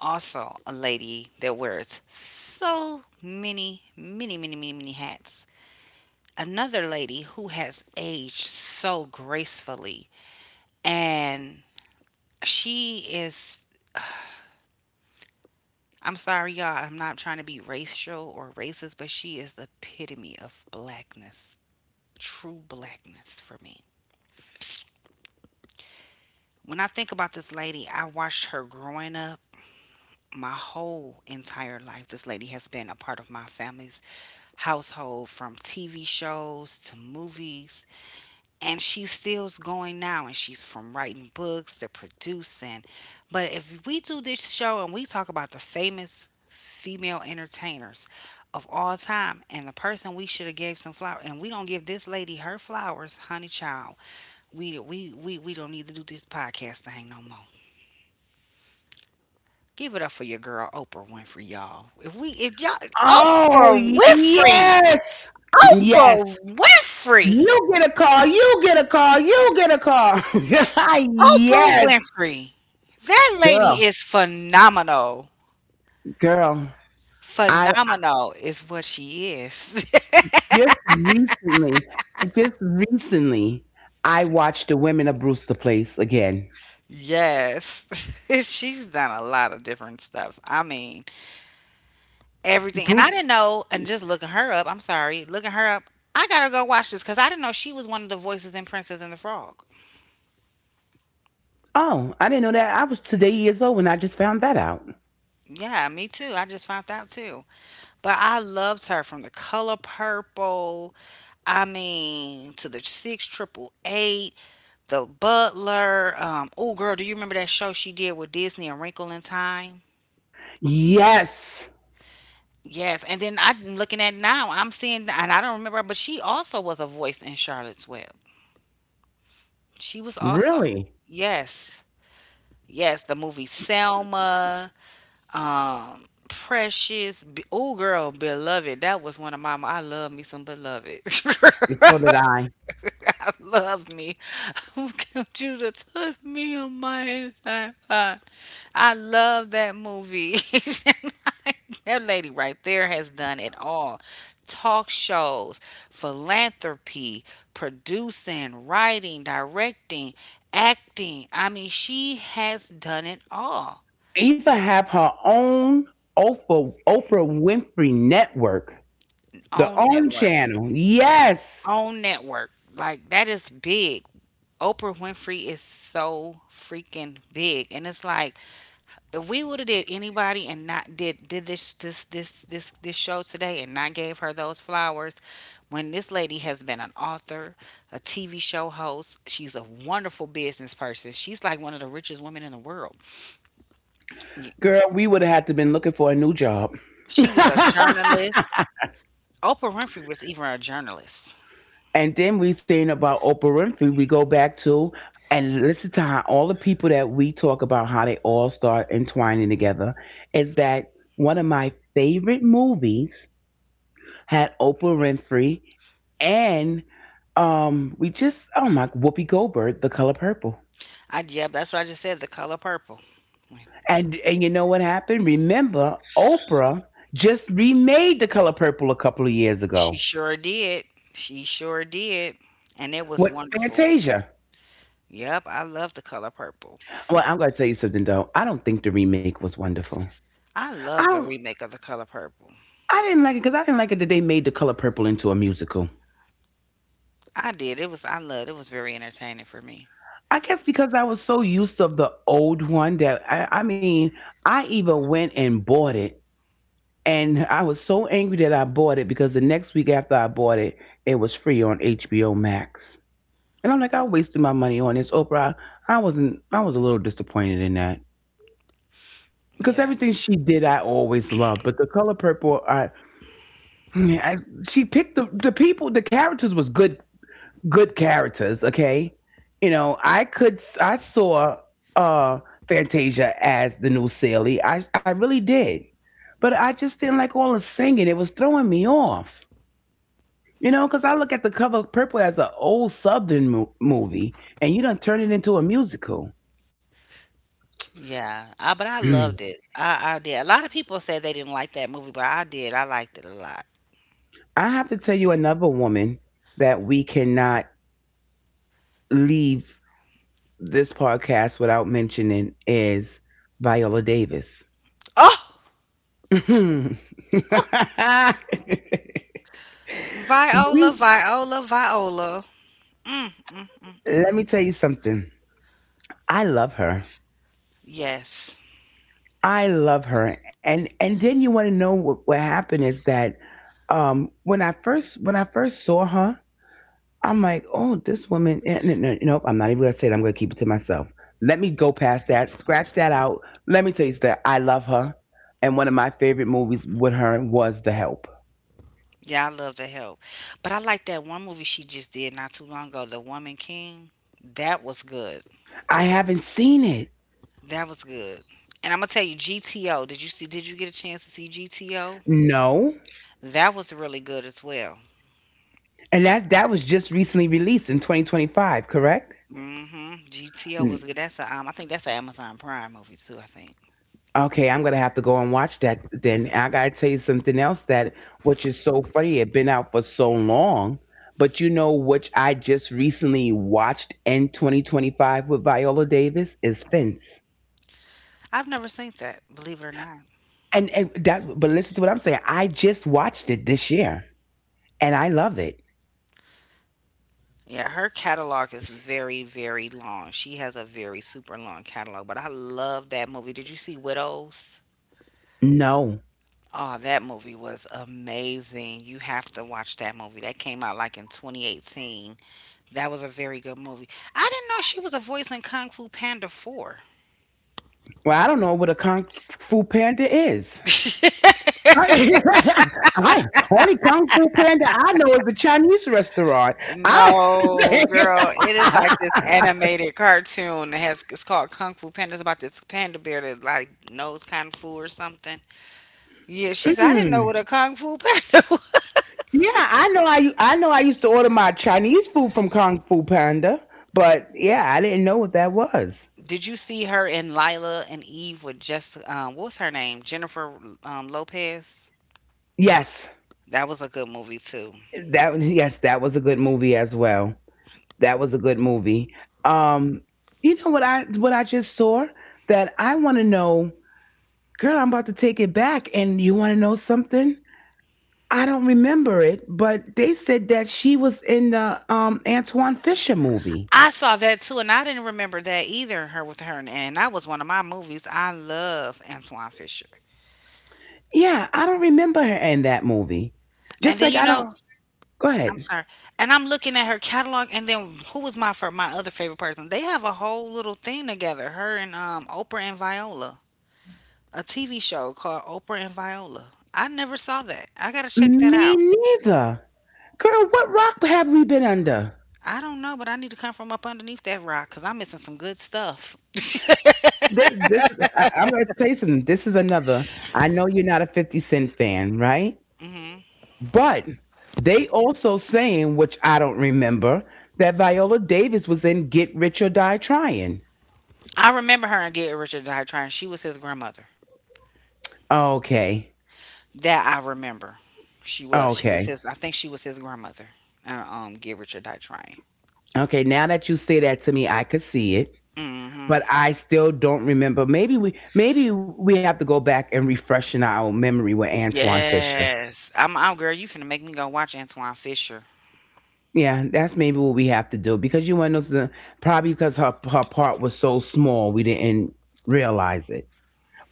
[SPEAKER 1] Also, a lady that wears so many, many, many, many, many hats. Another lady who has aged so gracefully and she is I'm sorry y'all, I'm not trying to be racial or racist, but she is the epitome of blackness, true blackness for me. When I think about this lady, I watched her growing up my whole entire life. This lady has been a part of my family's household from TV shows to movies and she's still going now and she's from writing books to producing, but if we do this show and we talk about the famous female entertainers of all time and the person we should have gave some flowers and we don't give this lady her flowers honey child we don't need to do this podcast thing no more. Give it up for your girl Oprah Winfrey, y'all. If we if y'all
[SPEAKER 2] Oh,
[SPEAKER 1] oprah winfrey
[SPEAKER 2] yes. [CLEARS THROAT] Yes.
[SPEAKER 1] oprah winfrey
[SPEAKER 2] You get a call. You get a call. You get a call. [LAUGHS]
[SPEAKER 1] Oprah
[SPEAKER 2] yes,
[SPEAKER 1] Winfrey. That lady
[SPEAKER 2] girl,
[SPEAKER 1] is phenomenal.
[SPEAKER 2] girl. I
[SPEAKER 1] Phenomenal is what she is.
[SPEAKER 2] just recently, just recently, I watched the Women of Brewster Place again.
[SPEAKER 1] [LAUGHS] yes. [LAUGHS] She's done a lot of different stuff. I mean, everything. And
[SPEAKER 2] Bruce.
[SPEAKER 1] I didn't know, and just looking her up, I'm sorry, looking her up, I gotta go watch this because I didn't know she was one of the voices in Princess and the Frog.
[SPEAKER 2] Oh, I didn't know that. I was today years old when I just found that out.
[SPEAKER 1] Yeah, me too. I just found out too. But I loved her from The Color Purple, I mean, to the 6888. The Butler. Oh, girl, do you remember that show she did with Disney, A Wrinkle in Time?
[SPEAKER 2] Yes,
[SPEAKER 1] Yes, and then I'm looking at now. I'm seeing, and I don't remember, but she also was a voice in Charlotte's Web. She was also,
[SPEAKER 2] really.
[SPEAKER 1] yes, yes, the movie Selma, Precious. Be- Oh, girl, Beloved. That was one of my. I love me some Beloved.
[SPEAKER 2] And
[SPEAKER 1] [LAUGHS]
[SPEAKER 2] so did I.
[SPEAKER 1] I love me. [LAUGHS] Judah took me on my iPod. I love that movie. [LAUGHS] that lady right there has done it all: talk shows, philanthropy, producing, writing, directing, acting. I mean, she has done it all
[SPEAKER 2] Eva have her own Oprah Winfrey Network, the
[SPEAKER 1] on
[SPEAKER 2] own
[SPEAKER 1] network.
[SPEAKER 2] channel. Yes.
[SPEAKER 1] On network. Like, that is big. Oprah Winfrey is so freaking big. And it's like, if we would have did anybody and not did this show today and not gave her those flowers when this lady has been an author, a TV show host, she's a wonderful business person, she's like one of the richest women in the world. Y-
[SPEAKER 2] Girl, we would have had to been looking for a new job.
[SPEAKER 1] she
[SPEAKER 2] [LAUGHS]
[SPEAKER 1] was a journalist. Oprah Winfrey was even a journalist.
[SPEAKER 2] And then we saying about Oprah Winfrey, we go back to and listen to how all the people that we talk about how they all start entwining together is that one of my favorite movies had Oprah Winfrey and we just oh my Whoopi Goldberg, The Color Purple.
[SPEAKER 1] I yeah, that's what I just said, The Color Purple.
[SPEAKER 2] And you know what happened? Remember, Oprah just remade The Color Purple a couple of years
[SPEAKER 1] She
[SPEAKER 2] ago
[SPEAKER 1] sure did. she sure did and it was
[SPEAKER 2] with
[SPEAKER 1] wonderful.
[SPEAKER 2] Fantasia.
[SPEAKER 1] Yep, I love The Color Purple.
[SPEAKER 2] Well, I'm going to tell you something though. I don't think the remake was wonderful.
[SPEAKER 1] I
[SPEAKER 2] I
[SPEAKER 1] love the
[SPEAKER 2] don't.
[SPEAKER 1] remake of The Color Purple.
[SPEAKER 2] I didn't like it because I didn't like it that they made The Color Purple into a musical.
[SPEAKER 1] I did. It was I loved it was very entertaining for me.
[SPEAKER 2] I guess because I was so used of the old one that I mean, I even went and bought it, and I was so angry that I bought it because the next week after I bought it, it was free on HBO Max, and I'm like, I wasted my money on this Oprah. I wasn't. I was a little disappointed in that because
[SPEAKER 1] Yeah.
[SPEAKER 2] everything she did, I always loved, but the Color Purple, I, she picked the people, the characters was good, good characters. Okay, you know, I saw uh Fantasia as the new Sally. I really did, but I just didn't like all the singing. It was throwing me off, you know, because I look at the cover of purple as an old southern movie, and you don't turn it into a musical.
[SPEAKER 1] Yeah. I, but I loved
[SPEAKER 2] [CLEARS THROAT]
[SPEAKER 1] it. I did. A lot of people said they didn't like that movie, but I did. I liked it a lot.
[SPEAKER 2] I have to tell you another woman that we cannot leave this podcast without mentioning is Viola Davis.
[SPEAKER 1] Oh
[SPEAKER 2] [LAUGHS] We,
[SPEAKER 1] Viola, Viola, Viola. Mm, mm, mm, mm,
[SPEAKER 2] let me
[SPEAKER 1] mm.
[SPEAKER 2] tell you something. I love her.
[SPEAKER 1] Yes.
[SPEAKER 2] I love her. And then you want to know what happened is that when I first saw her, I'm like, oh, this woman. No, no, nope. I'm not even gonna say it. I'm gonna keep it to myself. Let me go past that. Scratch that out. Let me tell you that I love her. And one of my favorite movies with her was The Help.
[SPEAKER 1] Yeah, I love The Help. But I like that one movie she just did not too long ago, The Woman King. That was good.
[SPEAKER 2] I haven't seen it.
[SPEAKER 1] That was good. And I'm gonna tell you, GTO. Did you see? Did you get a chance to see GTO?
[SPEAKER 2] No.
[SPEAKER 1] That was really good as well.
[SPEAKER 2] And that that was just recently released in 2025, correct?
[SPEAKER 1] Mm-hmm. GTO
[SPEAKER 2] Mm.
[SPEAKER 1] was good. That's a, I think that's an Amazon Prime movie too. I think
[SPEAKER 2] Okay, I'm gonna have to go and watch that then. I gotta tell you something else that, which is so funny, it been out for so long. But you know which I just recently watched in 2025 with Viola Davis is Fence.
[SPEAKER 1] I've never seen that. Believe it or not.
[SPEAKER 2] And that, but listen to what I'm saying. I just watched it this year, and I love it.
[SPEAKER 1] Yeah, her catalog is very, very long. She has a very super long catalog. But I love that movie. Did you see Widows?
[SPEAKER 2] No.
[SPEAKER 1] Oh, that movie was amazing. You have to watch that movie. That came out like in 2018. That was a very good movie. I didn't know she was a voice in Kung Fu Panda 4.
[SPEAKER 2] Well, I don't know what a kung fu panda is.
[SPEAKER 1] [LAUGHS]
[SPEAKER 2] I [LAUGHS] I only Kung Fu Panda I know is a Chinese restaurant. I
[SPEAKER 1] No, girl, it is
[SPEAKER 2] [LAUGHS]
[SPEAKER 1] like this animated cartoon that has it's called Kung Fu Panda. It's about this panda bear that like knows kung fu or something. Yeah, she's. I didn't know
[SPEAKER 2] mm,
[SPEAKER 1] what a kung fu panda [LAUGHS] was.
[SPEAKER 2] yeah, I know I know I used to order my Chinese food from Kung Fu Panda, but yeah, I didn't know what that was.
[SPEAKER 1] Did you see her in Lila and Eve with just what's her name? Jennifer Lopez.
[SPEAKER 2] Yes,
[SPEAKER 1] That was a good movie too.
[SPEAKER 2] that yes, that was a good movie as well. That was a good movie. Um, you know what I just saw that I want to know, girl. I'm about to take it back, and you want to know something? I don't remember it, but they said that she was in the Antoine Fisher movie.
[SPEAKER 1] I saw that too, and I didn't remember that either. Her with her, and that was one of my movies I love Antoine Fisher.
[SPEAKER 2] Yeah, I don't remember her in that movie.
[SPEAKER 1] And
[SPEAKER 2] Just
[SPEAKER 1] then
[SPEAKER 2] like
[SPEAKER 1] you
[SPEAKER 2] I don't.
[SPEAKER 1] know
[SPEAKER 2] Go
[SPEAKER 1] I'm
[SPEAKER 2] ahead.
[SPEAKER 1] sorry. And I'm looking at her catalog, and then who was my for my other favorite person? They have a whole little thing together. Her and Oprah and Viola, a TV show called Oprah and Viola. I never saw that. I gotta check that
[SPEAKER 2] Me
[SPEAKER 1] out.
[SPEAKER 2] neither. Girl, what rock have we been under?
[SPEAKER 1] I don't know, but I need to come from up underneath that rock because I'm missing some good stuff.
[SPEAKER 2] This, this, I'm gonna tell you something. This is another. I know you're not a 50 Cent fan, right?
[SPEAKER 1] Hmm
[SPEAKER 2] But they also saying, which I don't remember, that Viola Davis was in Get Rich or Die Trying.
[SPEAKER 1] I remember her and Get Richard Die Trying. She was his grandmother.
[SPEAKER 2] Okay,
[SPEAKER 1] That I remember. She was. She was
[SPEAKER 2] okay.
[SPEAKER 1] his. I think she was his grandmother. Get Richard Die Trying.
[SPEAKER 2] Okay, now that you say that to me, I could see it,
[SPEAKER 1] Hmm
[SPEAKER 2] but I still don't remember. Maybe we have to go back and refresh in our memory with Antoine Fisher.
[SPEAKER 1] Yes. I'm out, girl. You finna make me go watch Antoine Fisher.
[SPEAKER 2] Yeah, that's maybe what we have to do because you want to know something? Probably because her part was so small we didn't realize it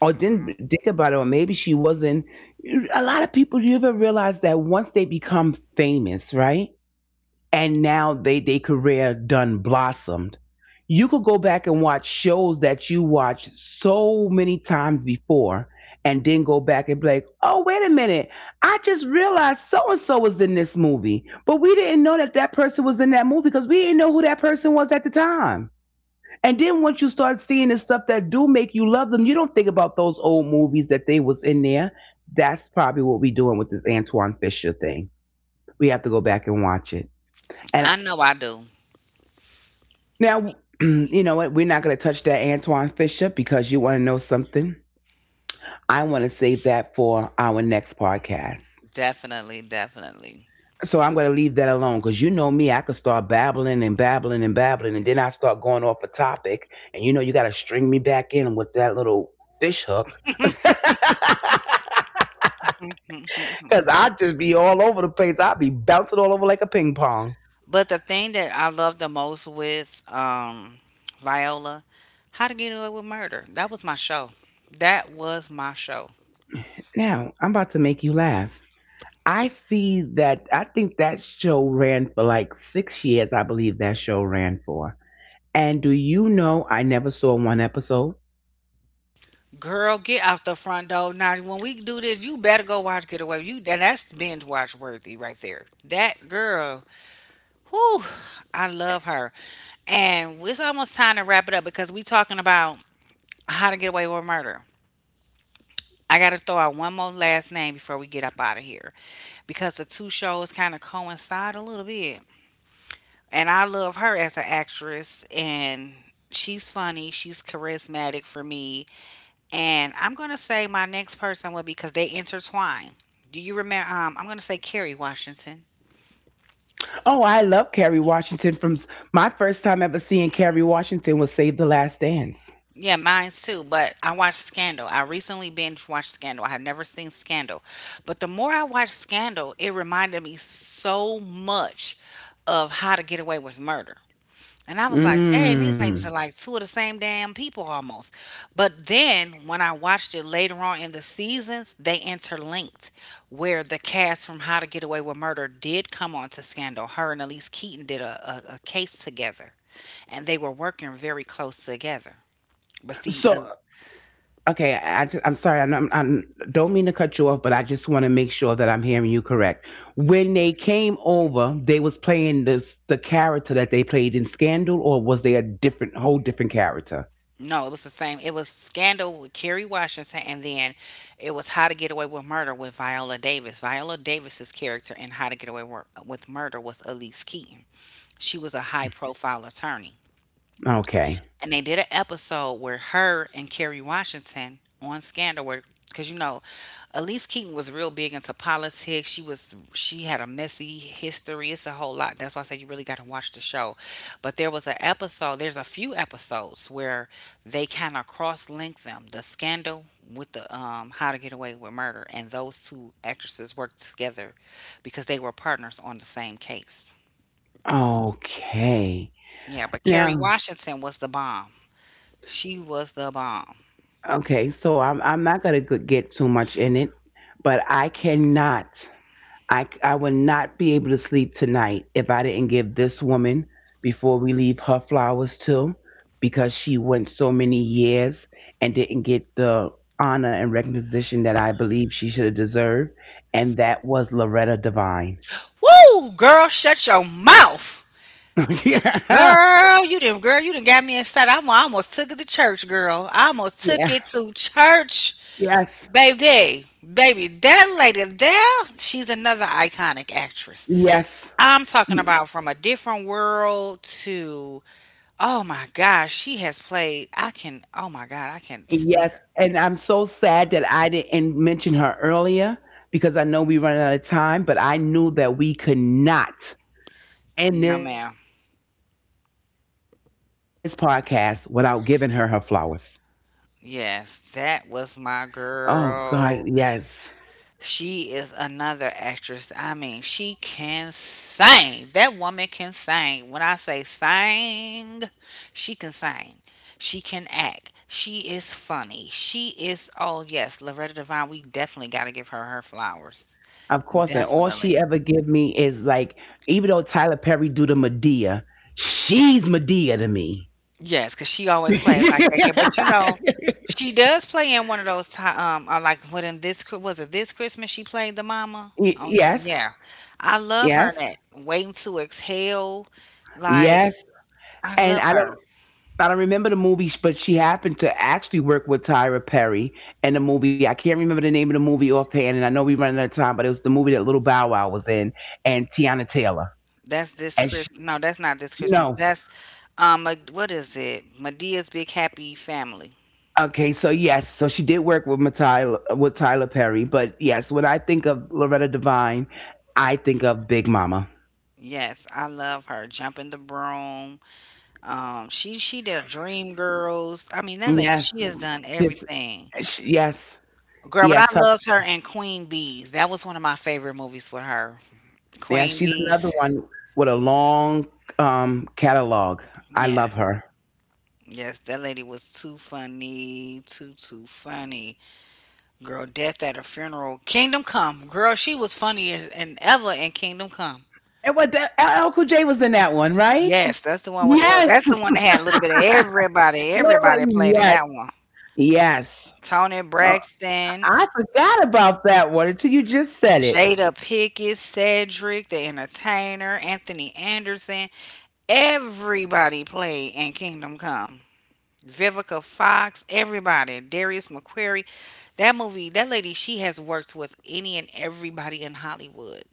[SPEAKER 2] or didn't
[SPEAKER 1] Mhm.
[SPEAKER 2] think about it or maybe she wasn't. A lot of people, you ever realize that once they become famous, right? And now they their career done blossomed. You could go back and watch shows that you watched so many times before and then go back and be like, oh, wait a minute. I just realized so and so was in this movie, but we didn't know that that person was in that movie because we didn't know who that person was at the time. And then once you start seeing the stuff that do make you love them, you don't think about those old movies that they was in there. That's probably what we are doing with this Antoine Fisher thing. We have to go back and watch it. And
[SPEAKER 1] I know I do.
[SPEAKER 2] now, [CLEARS THROAT] you know what? We're not going to touch that Antoine Fisher because you want to know something. I want to save that for our next podcast.
[SPEAKER 1] Definitely, definitely.
[SPEAKER 2] So I'm going to leave that alone because you know me, I could start babbling and babbling and babbling, and then I start going off a topic, and you know you got to string me back in with that little fish hook. Because
[SPEAKER 1] [LAUGHS]
[SPEAKER 2] [LAUGHS] I just be all over the place. I'll be bouncing all over like a ping pong.
[SPEAKER 1] But the thing that I love the most with Viola, How to Get Away with Murder. That was my show. That was my show.
[SPEAKER 2] Now, I'm about to make you laugh. I see that. I think that show ran for like 6 years. I believe that show ran for. And do you know I never saw one episode?
[SPEAKER 1] Girl, get out the front door. Now when we do this, you better go watch Get Away. You and that's binge watch worthy right there. That girl. Whew, I love her. And it's almost time to wrap it up because we talking about how to get away with murder. I gotta throw out one more last name before we get up out of here because the two shows kind of coincide a little bit. And I love her as an actress, and she's funny, she's charismatic for me. And I'm gonna say my next person would be because they intertwine. Do you remember? I'm gonna say Kerry Washington.
[SPEAKER 2] Oh, I love Kerry Washington. My first time ever seeing Kerry Washington was Save the Last Dance.
[SPEAKER 1] Yeah, mine's too. But I watched Scandal. I recently binge watched Scandal. I had never seen Scandal. But the more I watched Scandal, it reminded me so much of How to Get Away with Murder. And I was like, dang, these things
[SPEAKER 2] Mm.
[SPEAKER 1] are like two of the same damn people almost. But then when I watched it later on in the seasons, they interlinked where the cast from How to Get Away with Murder did come on to Scandal. Her and Elise Keaton did a case together, and they were working very close together. But see,
[SPEAKER 2] So okay, I'm sorry, I don't mean to cut you off, but I just want to make sure that I'm hearing you correct. When they came over, they was playing this the character that they played in Scandal, or was they a different, whole different character?
[SPEAKER 1] no, it was the same. It was Scandal with Kerry Washington, and then it was How to Get Away with Murder with Viola Davis. Viola Davis's character in How to Get Away Wor- with Murder was Elise Keaton. She was a high-profile attorney.
[SPEAKER 2] Okay.
[SPEAKER 1] And they did an episode where her and Kerry Washington on Scandal were because you know, Elise Keaton was real big into politics. She had a messy history. It's a whole lot. That's why I say you really gotta watch the show. But there was an episode, there's a few episodes where they kind of cross link them. The scandal with the How to Get Away with Murder and those two actresses worked together because they were partners on the same case.
[SPEAKER 2] Okay.
[SPEAKER 1] Yeah, but Kerry
[SPEAKER 2] Now,
[SPEAKER 1] Washington was the bomb. She was the bomb.
[SPEAKER 2] okay, so I'm not gonna get too much in it, but I cannot, I c- I will not be able to sleep tonight if I didn't give this woman before we leave her flowers too, because she went so many years and didn't get the honor and recognition that I believe she should have deserved, and that was Loretta Devine.
[SPEAKER 1] Woo, girl, shut your mouth.
[SPEAKER 2] [LAUGHS] yeah,
[SPEAKER 1] Girl, you did girl, you done got me inside. I'm, I almost took it to church, girl. I almost took
[SPEAKER 2] yeah,
[SPEAKER 1] it to church.
[SPEAKER 2] yes,
[SPEAKER 1] Baby, baby, that lady there, she's another iconic actress.
[SPEAKER 2] yes,
[SPEAKER 1] I'm talking about from a different world to oh my gosh, she has played I can oh my god, I can't just think of
[SPEAKER 2] Yes, and I'm so sad that I didn't mention her earlier because I know we run out of time, but I knew that we could not end
[SPEAKER 1] no
[SPEAKER 2] this
[SPEAKER 1] ma'am.
[SPEAKER 2] podcast without giving her her flowers. Oh
[SPEAKER 1] Yes,
[SPEAKER 2] God,
[SPEAKER 1] that was
[SPEAKER 2] yes.
[SPEAKER 1] my girl. She is another actress. I mean, she can sing. That woman can sing. When I say sing. She can act. She is funny. She is, oh, yes, Loretta Devine. We definitely got to give her her flowers.
[SPEAKER 2] Of course, and all she
[SPEAKER 1] Definitely.
[SPEAKER 2] ever give me is like, even though Tyler Perry do the Medea, she's Medea to me.
[SPEAKER 1] Yes, because she always plays like that kid. But you know,
[SPEAKER 2] [LAUGHS]
[SPEAKER 1] she does play in one of those time. Like what in this Chri- was it this Christmas she played the mama?
[SPEAKER 2] Yes,
[SPEAKER 1] Yeah, I love her. In
[SPEAKER 2] yes,
[SPEAKER 1] That Waiting to Exhale, like
[SPEAKER 2] yes.
[SPEAKER 1] I
[SPEAKER 2] And
[SPEAKER 1] love
[SPEAKER 2] I
[SPEAKER 1] her.
[SPEAKER 2] don't I don't remember the movies, but she happened to actually work with Tyra Perry in the movie. I can't remember the name of the movie offhand, and I know we ran out of time, but it was the movie that Little Bow Wow was in, and Tiana Taylor.
[SPEAKER 1] That's this
[SPEAKER 2] And
[SPEAKER 1] Chris.
[SPEAKER 2] she,
[SPEAKER 1] No, that's not this Christmas.
[SPEAKER 2] no,
[SPEAKER 1] That's Ma- what is it? Medea's Big Happy Family.
[SPEAKER 2] okay, so yes, so she did work with Tyler Perry, but yes, when I think of Loretta Devine, I think of Big Mama.
[SPEAKER 1] Yes, I love her. Jumping the Broom. She did Dream Girls. I mean, that lady,
[SPEAKER 2] Yes,
[SPEAKER 1] she has done
[SPEAKER 2] yes,
[SPEAKER 1] everything.
[SPEAKER 2] yes,
[SPEAKER 1] Girl, but I
[SPEAKER 2] yes, her,
[SPEAKER 1] loved her in Queen Bees. That was one of my favorite movies with her.
[SPEAKER 2] yeah.
[SPEAKER 1] Queen
[SPEAKER 2] She's another
[SPEAKER 1] Bees.
[SPEAKER 2] one with a long catalog. I
[SPEAKER 1] Yeah.
[SPEAKER 2] love her.
[SPEAKER 1] Yes, that lady was too funny, too funny. Girl, death at a funeral. Kingdom Come. Girl, she was funnier than ever in Kingdom Come.
[SPEAKER 2] And what the Uncle J was in that one, right?
[SPEAKER 1] Yes, that's the one with L.
[SPEAKER 2] Yes.
[SPEAKER 1] That's the one that had a little bit of everybody. Everybody played in
[SPEAKER 2] Yes.
[SPEAKER 1] that one.
[SPEAKER 2] Yes.
[SPEAKER 1] Tony
[SPEAKER 2] Oh,
[SPEAKER 1] Braxton,
[SPEAKER 2] I forgot about that one until you just said it.
[SPEAKER 1] Jada Pickett, Cedric, the Entertainer, Anthony Anderson. Everybody played in Kingdom Come. Vivica Fox, everybody. Darius McQuarrie. That movie, that lady, she has worked with any and everybody in Hollywood.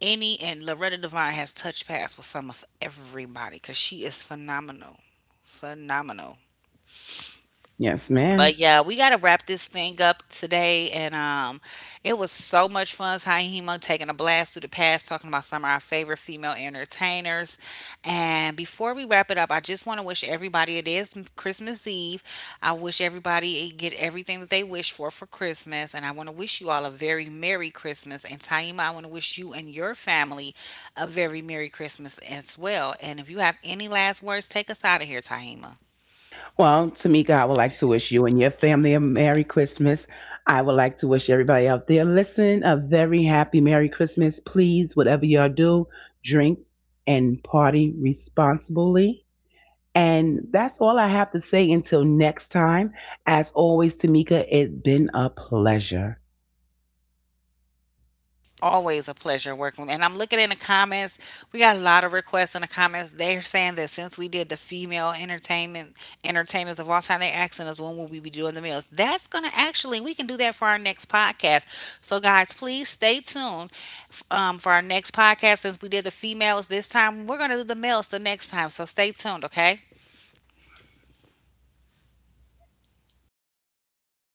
[SPEAKER 1] Any and Loretta Devine has touched paths with some of everybody because she is phenomenal. Phenomenal.
[SPEAKER 2] Yes, ma'am.
[SPEAKER 1] But yeah, we gotta wrap this thing up today, and it was so much fun. Hahimo taking a blast through the past, talking about some of our favorite female entertainers. And before we wrap it up, I just want to wish everybody it is Christmas Eve. I wish everybody eh, get everything that they wish for Christmas, and I want to wish you all a very merry Christmas. And Taima, I want to wish you and your family a very merry Christmas as well. And if you have any last words, take us out of here, Taima.
[SPEAKER 2] Well, Tamika, I would like to wish you and your family a Merry Christmas. I would like to wish everybody out there listening a very happy Merry Christmas. Please, whatever y'all do, drink and party responsibly. And that's all I have to say until next time. As always, Tamika, it's been a pleasure.
[SPEAKER 1] Always a pleasure working with. And I'm looking in the comments. We got a lot of requests in the comments. They're saying that since we did the female entertainment entertainers of all time, they are asking us when will we be doing the males. That's gonna actually we can do that for our next podcast. So guys, please stay tuned for our next podcast. Since we did the females this time, we're gonna do the males the next time. So stay tuned, okay?